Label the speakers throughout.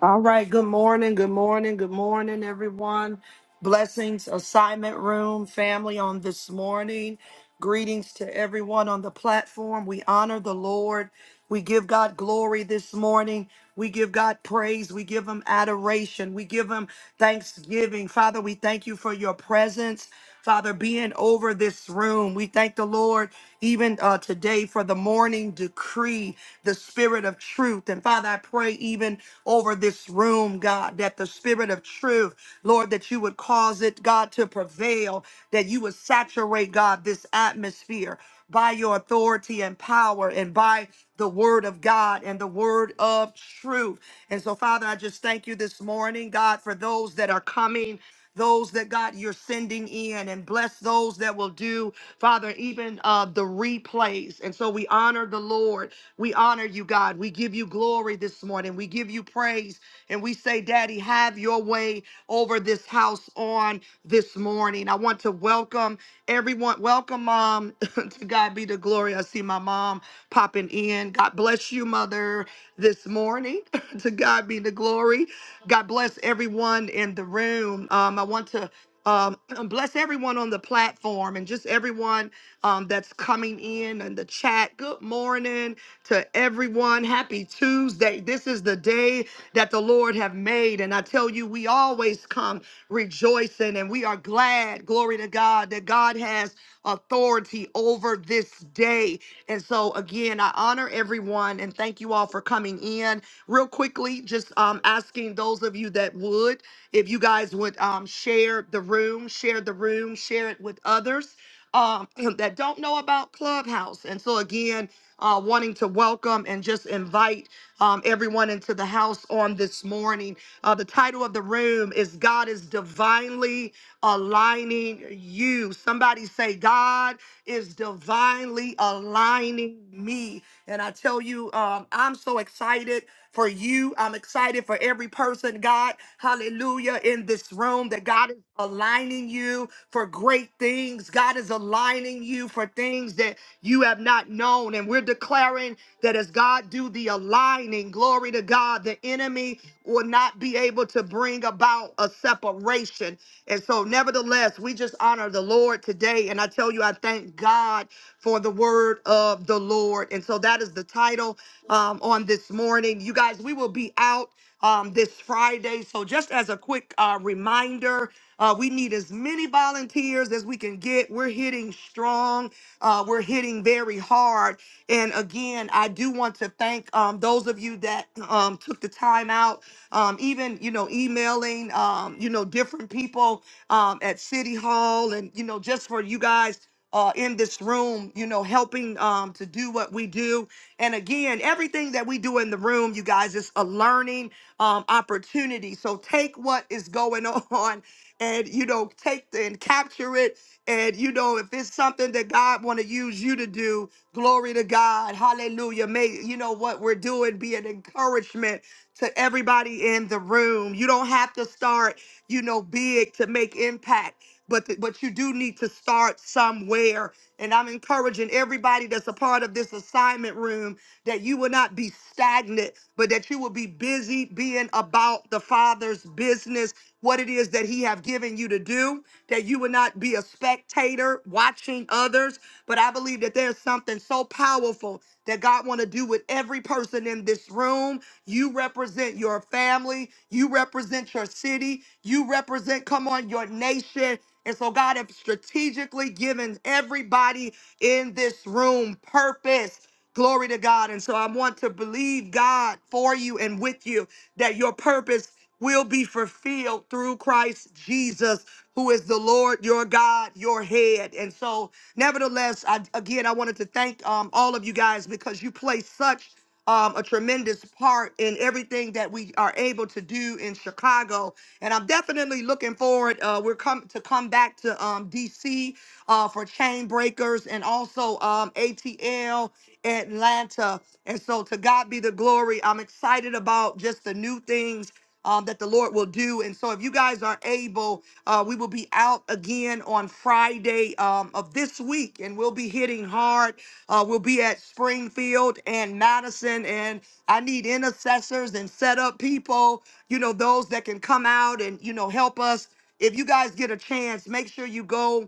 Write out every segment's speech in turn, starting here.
Speaker 1: All right. Good morning. Good morning. Good morning, everyone. Blessings, assignment room, family on this morning. Greetings to everyone on the platform. We honor the Lord. We give God glory this morning. We give God praise. We give Him adoration. We give Him thanksgiving. Father, we thank you for your presence. Father, being over this room, we thank the Lord even uh, today for the morning decree, the spirit of truth truth. And Father, I pray even over this room, God, that the spirit of truth, Lord, that you would cause it, God, to prevail, that you would saturate, God, this atmosphere by your authority and power and by the word of God and the word of truth. And so, Father, I just thank you this morning, God, for those that are coming. Those that God you're sending in and bless those that will do, Father, even uh, the replays. And so we honor the Lord we honor you, God. We give you glory this morning. We give you praise. And we say, Daddy, have your way over this house on this morning. I want to welcome everyone. Welcome, Mom. to God be the glory. I see my mom popping in. God bless you, Mother, this morning. to God be the glory. God bless everyone in the room. Um, I want to um, bless everyone on the platform and just everyone um, that's coming in and the chat. Good morning to everyone. Happy Tuesday. This is the day that the Lord have made. And I tell you, we always come rejoicing and we are glad, glory to God, that God has authority over this day. And so again, I honor everyone and thank you all for coming in. Real quickly, just um, asking those of you that would, if you guys would um, share the room, share the room, share it with others um, that don't know about Clubhouse. And so, again, uh, wanting to welcome and just invite um, everyone into the house on this morning. Uh, the title of the room is God is Divinely Aligning You. Somebody say, God is divinely aligning me. And I tell you, um, I'm so excited for you. I'm excited for every person, God, hallelujah, in this room that God is aligning you for great things. God is aligning you for things that you have not known. And we're declaring that as God do the aligning, glory to God, the enemy will not be able to bring about a separation. And so, nevertheless, we just honor the Lord today. And I tell you, I thank God for the word of the Lord. And so, that is the title um, on this morning. You guys, we will be out um, this Friday. So, just as a quick uh, reminder, uh, we need as many volunteers as we can get. We're hitting strong. Uh, we're hitting very hard. And again, I do want to thank um, those of you that um, took the time out, um, even you know, emailing um, you know different people um, at City Hall, and you know, just for you guys uh, in this room, you know, helping um, to do what we do. And again, everything that we do in the room, you guys, is a learning um, opportunity. So take what is going on and, you know, take the, and capture it and you know, if it's something that God want to use you to do, glory to God. Hallelujah. May you know what we're doing be an encouragement to everybody in the room. You don't have to start, you know, big to make impact, but th- but you do need to start somewhere. And I'm encouraging everybody that's a part of this assignment room that you will not be stagnant, but that you will be busy being about the Father's business, what it is that He have given you to do that you would not be a spectator watching others, but I believe that there's something so powerful that God want to do with every person in this room. You represent your family, you represent your city, you represent come on your nation. And so God has strategically given everybody in this room purpose. Glory to God. And so I want to believe God for you and with you that your purpose will be fulfilled through Christ Jesus, who is the Lord your God, your head. And so, nevertheless, I, again, I wanted to thank um, all of you guys because you play such um, a tremendous part in everything that we are able to do in Chicago. And I'm definitely looking forward. Uh, we're coming to come back to um, DC uh, for Chain Breakers and also um, ATL Atlanta. And so to God be the glory. I'm excited about just the new things um, that the Lord will do. And so, if you guys are able, uh, we will be out again on Friday um, of this week, and we'll be hitting hard. Uh, we'll be at Springfield and Madison, and I need intercessors and setup people, you know, those that can come out and, you know, help us. If you guys get a chance, make sure you go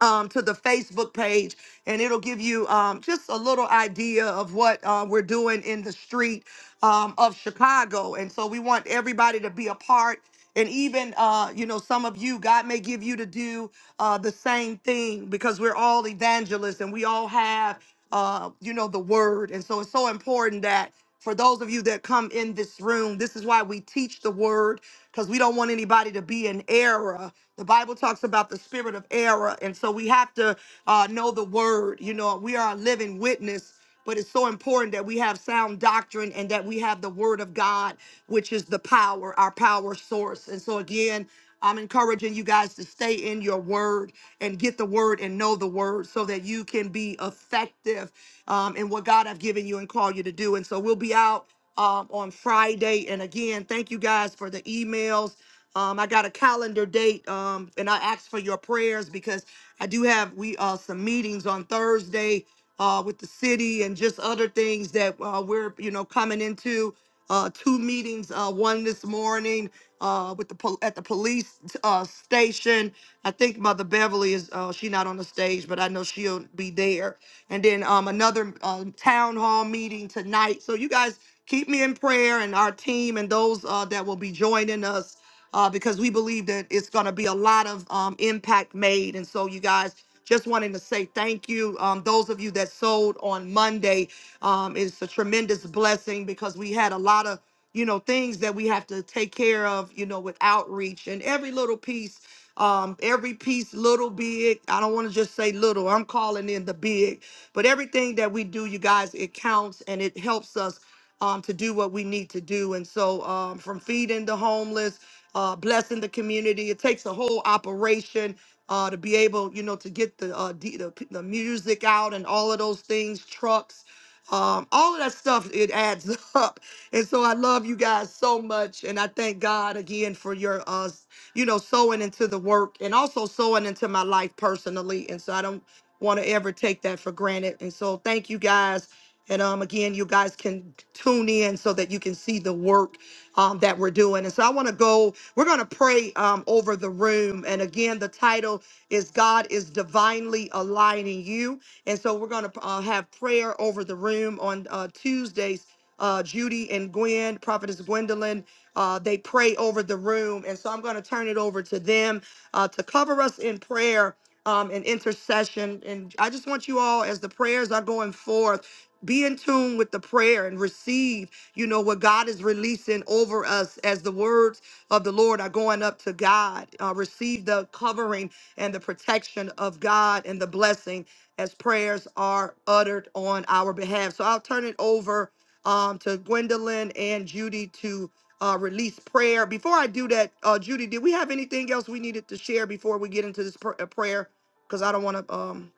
Speaker 1: um, to the Facebook page, and it'll give you um, just a little idea of what uh, we're doing in the street um, of Chicago. And so we want everybody to be a part. And even, uh, you know, some of you, God may give you to do uh, the same thing because we're all evangelists and we all have, uh, you know, the word. And so it's so important that for those of you that come in this room, this is why we teach the word because we don't want anybody to be in error. The Bible talks about the spirit of error, and so we have to uh, know the word. You know, we are a living witness, but it's so important that we have sound doctrine and that we have the word of God, which is the power, our power source. And so, again, I'm encouraging you guys to stay in your word and get the word and know the word so that you can be effective um, and what God have given you and called you to do. And so we'll be out um, on Friday. And again, thank you guys for the emails. Um, I got a calendar date, um, and I asked for your prayers because I do have we uh, some meetings on Thursday uh, with the city and just other things that uh, we're you know coming into. Uh, two meetings, uh, one this morning uh, with the pol- at the police uh, station. I think Mother Beverly is uh, she not on the stage, but I know she'll be there and then um, another um, town hall meeting tonight. So you guys keep me in prayer and our team and those uh, that will be joining us uh, because we believe that it's going to be a lot of um, impact made. And so you guys just wanting to say thank you. Um, those of you that sold on Monday, um, it's a tremendous blessing because we had a lot of you know things that we have to take care of you know with outreach and every little piece um every piece little big i don't want to just say little i'm calling in the big but everything that we do, you guys, it counts and it helps us um, to do what we need to do. And so, um, from feeding the homeless, uh, blessing the community, it takes a whole operation uh, to be able, you know, to get the, uh, d- the p- the music out and all of those things, trucks, um, all of that stuff. It adds up. And so, I love you guys so much, and I thank God again for your, uh, you know, sowing into the work and also sowing into my life personally. And so, I don't want to ever take that for granted. And so thank you guys. And um, again, you guys can tune in so that you can see the work um, that we're doing. And so I want to go, we're going to pray um, over the room. And again, the title is God is Divinely Aligning You. And so we're going to uh, have prayer over the room on uh, Tuesdays. Uh, Judy and Gwen, Prophetess Gwendolyn, uh, they pray over the room. And so I'm going to turn it over to them uh, to cover us in prayer um, and intercession. And I just want you all, as the prayers are going forth, be in tune with the prayer and receive, you know, what God is releasing over us as the words of the Lord are going up to God. Uh, receive the covering and the protection of God and the blessing as prayers are uttered on our behalf. So I'll turn it over um, to Gwendolyn and Judy to uh, release prayer. Before I do that, uh, Judy, did we have anything else we needed to share before we get into this pr- uh, prayer? because I don't want to. Um,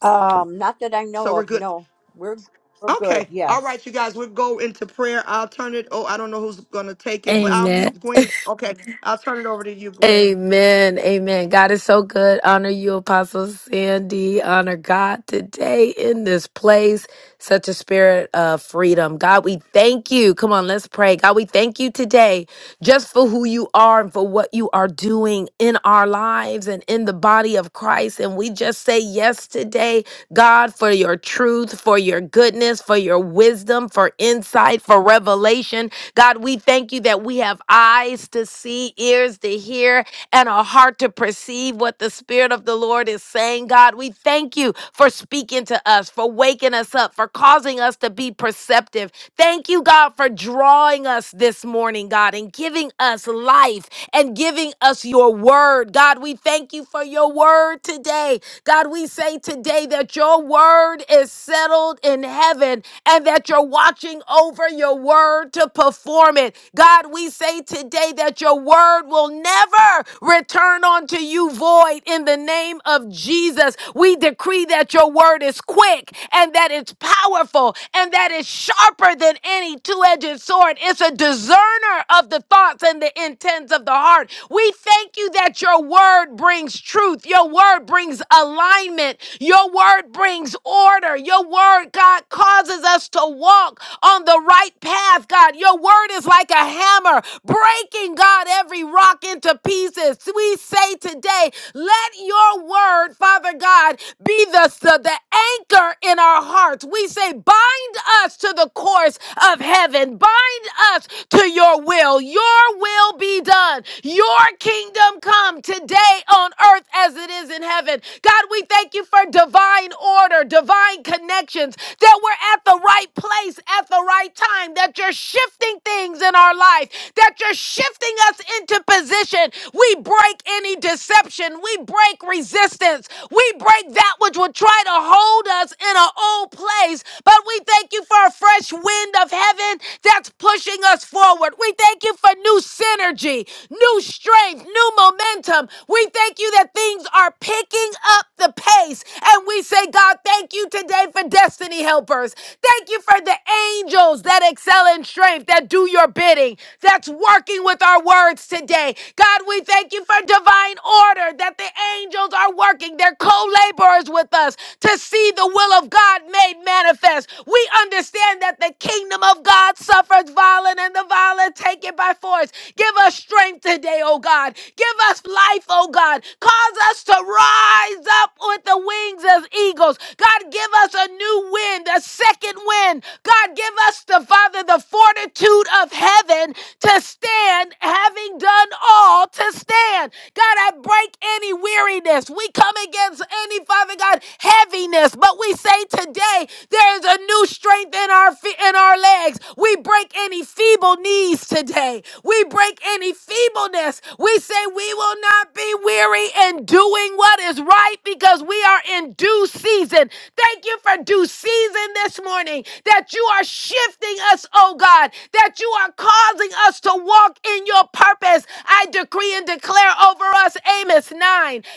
Speaker 2: Um, not that I
Speaker 1: so
Speaker 2: know
Speaker 1: we're
Speaker 2: of.
Speaker 1: good.
Speaker 2: No, we're we're good.
Speaker 1: Okay. All
Speaker 2: Yes.
Speaker 1: right, you guys. We'll go into prayer. I'll turn it. Oh, I don't know who's gonna take it, but I'll mute
Speaker 3: Amen.
Speaker 1: Gwen. Okay, I'll turn it over to you, Gwen.
Speaker 3: Amen. Amen. God is so good. Honor you, Apostle Sandy. Honor God today in this place. Such a spirit of freedom. God, we thank you. Come on, let's pray. God, we thank you today just for who you are and for what you are doing in our lives and in the body of Christ. And we just say yes today God, for your truth, for your goodness, for your wisdom, for insight, for revelation. God, we thank you that we have eyes to see, ears to hear, and a heart to perceive what the Spirit of the Lord is saying. God, we thank you for speaking to us, for waking us up, for causing us to be perceptive. Thank you, God, for drawing us this morning, God, and giving us life and giving us your word. God, we thank you for your word today today. God, we say today that your word is settled in heaven and that you're watching over your word to perform it. God, we say today that your word will never return unto you void in the name of Jesus. We decree that your word is quick and that it's powerful and that it's sharper than any two edged sword. It's a discerner of the thoughts and the intents of the heart. We thank you that your word word brings truth. Your word brings alignment. Your word brings order. Your word, God, causes us to walk on the right path, God. Your word is like a hammer, breaking, God, every rock into pieces. We say today, let your word, Father Lord God, be the, the, the anchor in our hearts. We say, bind us to the course of heaven, bind us to your will. Your will be done. Your kingdom come today on earth as it is in heaven. God, we thank you for divine order, divine connections, that we're at the right place at the right time, that you're shifting things in our life, that you're shifting us into position. We break any deception, we break resistance resistance. We break that which would try to hold us in an old place, but we thank you for a fresh wind of heaven that's pushing us forward. We thank you for new synergy, new strength, new momentum. We thank you that things are picking up the pace. And we say, God, thank you today for destiny helpers. Thank you for the angels that excel in strength, that do your bidding, that's working with our words today. God, we thank you for divine order, that the the angels are working. They're co laborers with us to see the will of God made manifest. We understand that the kingdom of God suffers violence, and the violent take it by force. Give us strength today, oh God. Give us life, oh God. Cause us to rise up with the wings as eagles. God, give us a new wind, a second wind. God, give us the Father the fortitude of heaven to stand, having done all to stand. God, I God, break any weariness. We come against any, Father God, heaviness. But we say today, there is a new strength in our feet, in our legs. We break any feeble knees today. We break any feebleness. We say we will not be weary in doing what is right because we are in due season. Thank you for due season this morning that you are shifting us, oh God, that you are causing us to walk in your purpose. I decree and declare declare over us Amos 9.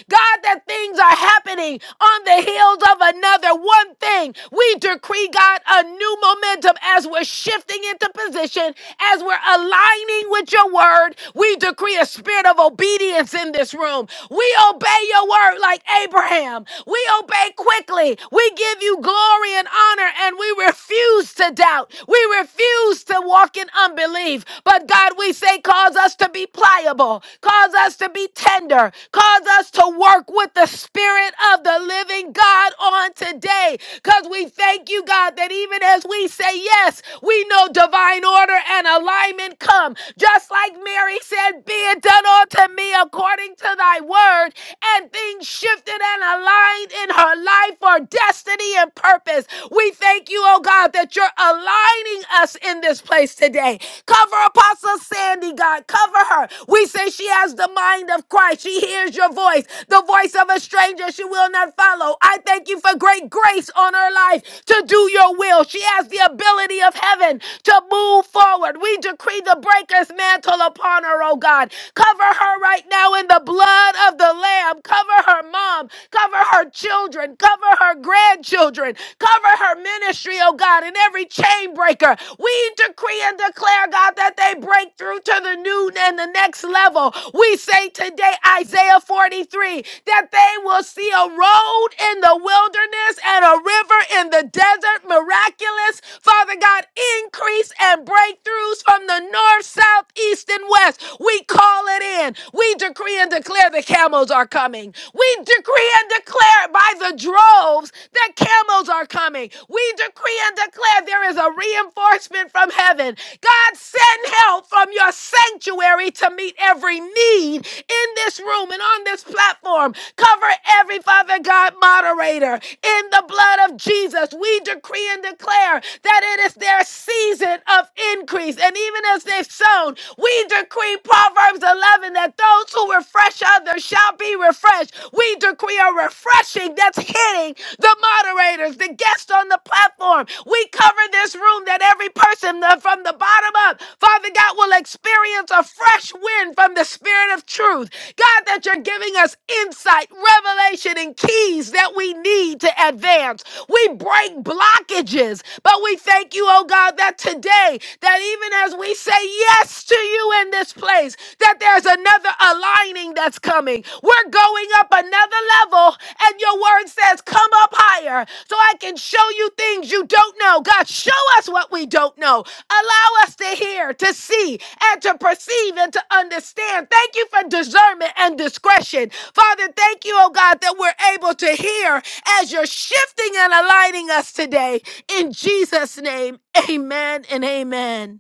Speaker 3: God, that things are happening on the heels of another. One thing we decree, God, a new momentum as we're shifting into position, as we're aligning with your word. We decree a spirit of obedience in this room. We obey your word like Abraham. We obey quickly. We give you glory and honor, and we refuse to doubt. We refuse to walk in unbelief. But God, we say, cause us to be pliable humble. Cause us to be tender. Cause us to work with the Spirit of the living God on today. Because we thank you, God, that even as we say yes, we know divine order and alignment come. Just like Mary said, Be it done unto me according to thy word. And things shifted and aligned in her life for destiny and purpose. We thank you, oh God, that you're aligning us in this place today. Cover Apostle Sandy, God. Cover over her. We say she has the mind of Christ. She hears your voice, the voice of a stranger she will not follow. I thank you for great grace on her life to do your will. She has the ability of heaven to move forward. We decree the breaker's mantle upon her, oh God. Cover her right now in the blood of the Lamb. Cover her mom. Cover her children. Cover her grandchildren. Cover her ministry, oh God, and every chain breaker. We decree and declare, God, that they break through through to the new and the next level. We say today, Isaiah 43, that they will see a road in the wilderness and a river in the desert, miraculous. Father God, increase and breakthroughs from the north, south, east, and west. We call it in. We decree and declare the camels are coming. We decree and declare by the droves that camels are coming. We decree and declare there is a reinforcement from heaven. God send Help from your sanctuary to meet every need in this room and on this platform. Cover every Father God moderator in the blood of Jesus. We decree and declare that it is their season of increase. And even as they've sown, we decree Proverbs 11 that those who refresh others shall be refreshed. We decree a refreshing that's hitting the moderators, the guests on the platform. We cover this room that every person the- from the bottom bottom up, Father God, will experience a fresh wind from the Spirit of truth. God, that you're giving us insight, revelation, and keys that we need to advance. We break blockages, but we thank you, oh God, that today, that even as we say yes to you in this place, that there's another aligning that's coming. We're going up another level, and your word says, Come up higher so I can show you things you don't know. God, show us what we don't know. Allow us to hear, to see, and to perceive and to understand. Thank you for discernment and discretion. Father, thank you, oh God, that we're able to hear as you're shifting and aligning us today. In Jesus' name, amen and amen.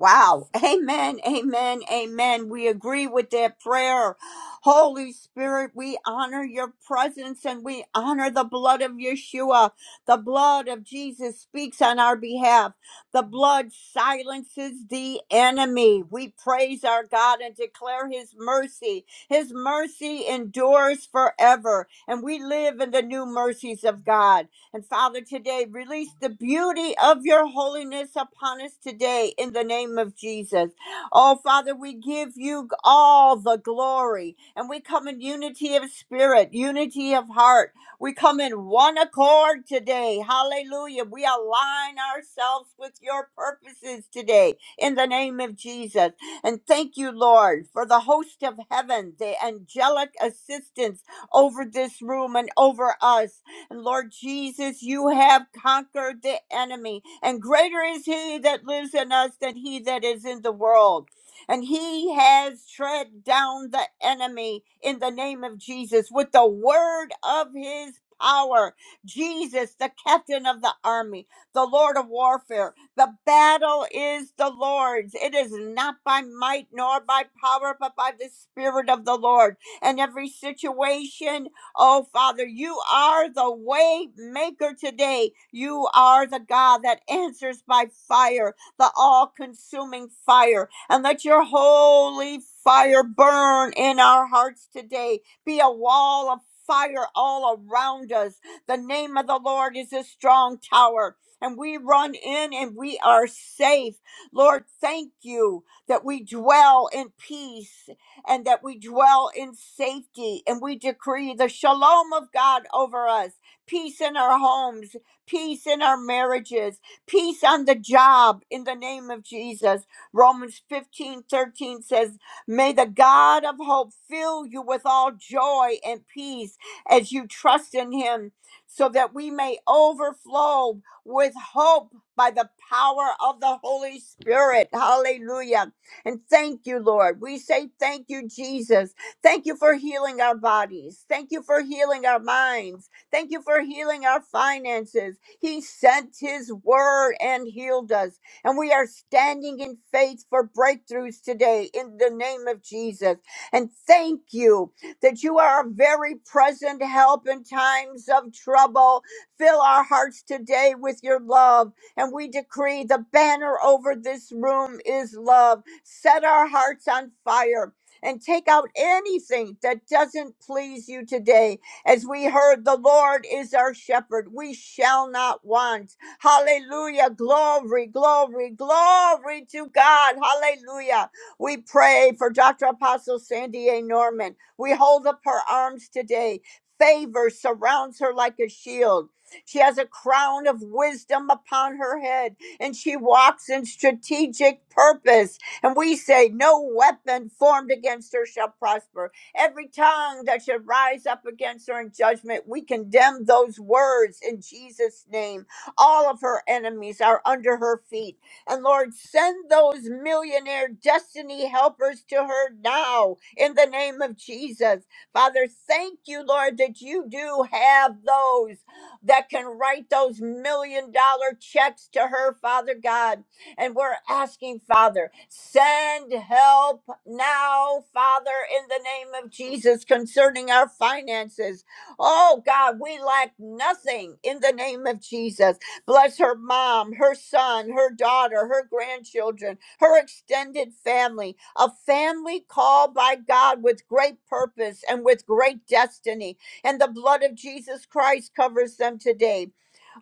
Speaker 2: Wow. Amen. Amen. Amen. We agree with that prayer. Holy Spirit, we honor your presence and we honor the blood of Yeshua. The blood of Jesus speaks on our behalf. The blood silences the enemy. We praise our God and declare his mercy. His mercy endures forever. And we live in the new mercies of God. And Father, today release the beauty of your holiness upon us today in the name of Jesus. Oh, Father, we give you all the glory and we come in unity of spirit, unity of heart. We come in one accord today. Hallelujah. We align ourselves with your purposes today in the name of Jesus. And thank you, Lord, for the host of heaven, the angelic assistance over this room and over us. And Lord Jesus, you have conquered the enemy, and greater is he that lives in us than he that is in the world. And he has tread down the enemy in the name of Jesus with the word of his power. Jesus, the captain of the army, the Lord of warfare. The battle is the Lord's. It is not by might nor by power, but by the Spirit of the Lord and every situation. Oh, Father, you are the way maker today. You are the God that answers by fire, the all consuming fire. And let your holy fire burn in our hearts today. Be a wall of fire all around us. The name of the Lord is a strong tower. And we run in and we are safe. Lord, thank you that we dwell in peace and that we dwell in safety. And we decree the shalom of God over us peace in our homes, peace in our marriages, peace on the job in the name of Jesus. Romans 15 13 says, May the God of hope fill you with all joy and peace as you trust in him, so that we may overflow with hope by the power of the Holy Spirit. Hallelujah. And thank you, Lord. We say thank you, Jesus. Thank you for healing our bodies. Thank you for healing our minds. Thank you for healing our finances. He sent his word and healed us. And we are standing in faith for breakthroughs today in the name of Jesus. And thank you that you are a very present help in times of trouble. Fill our hearts today with your love. And we decree the banner over this room is love Set our hearts on fire and take out anything that doesn't please you today. As we heard, the Lord is our shepherd. We shall not want. Hallelujah. Glory, glory, glory to God. Hallelujah. We pray for Dr. Apostle Sandy A. Norman. We hold up her arms today. Favor surrounds her like a shield. She has a crown of wisdom upon her head, and she walks in strategic purpose. And we say, No weapon formed against her shall prosper. Every tongue that should rise up against her in judgment, we condemn those words in Jesus' name. All of her enemies are under her feet. And Lord, send those millionaire destiny helpers to her now in the name of Jesus. Father, thank you, Lord, that you do have those that can write those million dollar checks to her, Father God. And we're asking, Father, send help now, Father, in the name of Jesus concerning our finances. Oh, God, we lack nothing in the name of Jesus. Bless her mom, her son, her daughter, her grandchildren, her extended family, a family called by God with great purpose and with great destiny. And the blood of Jesus Christ covers them today.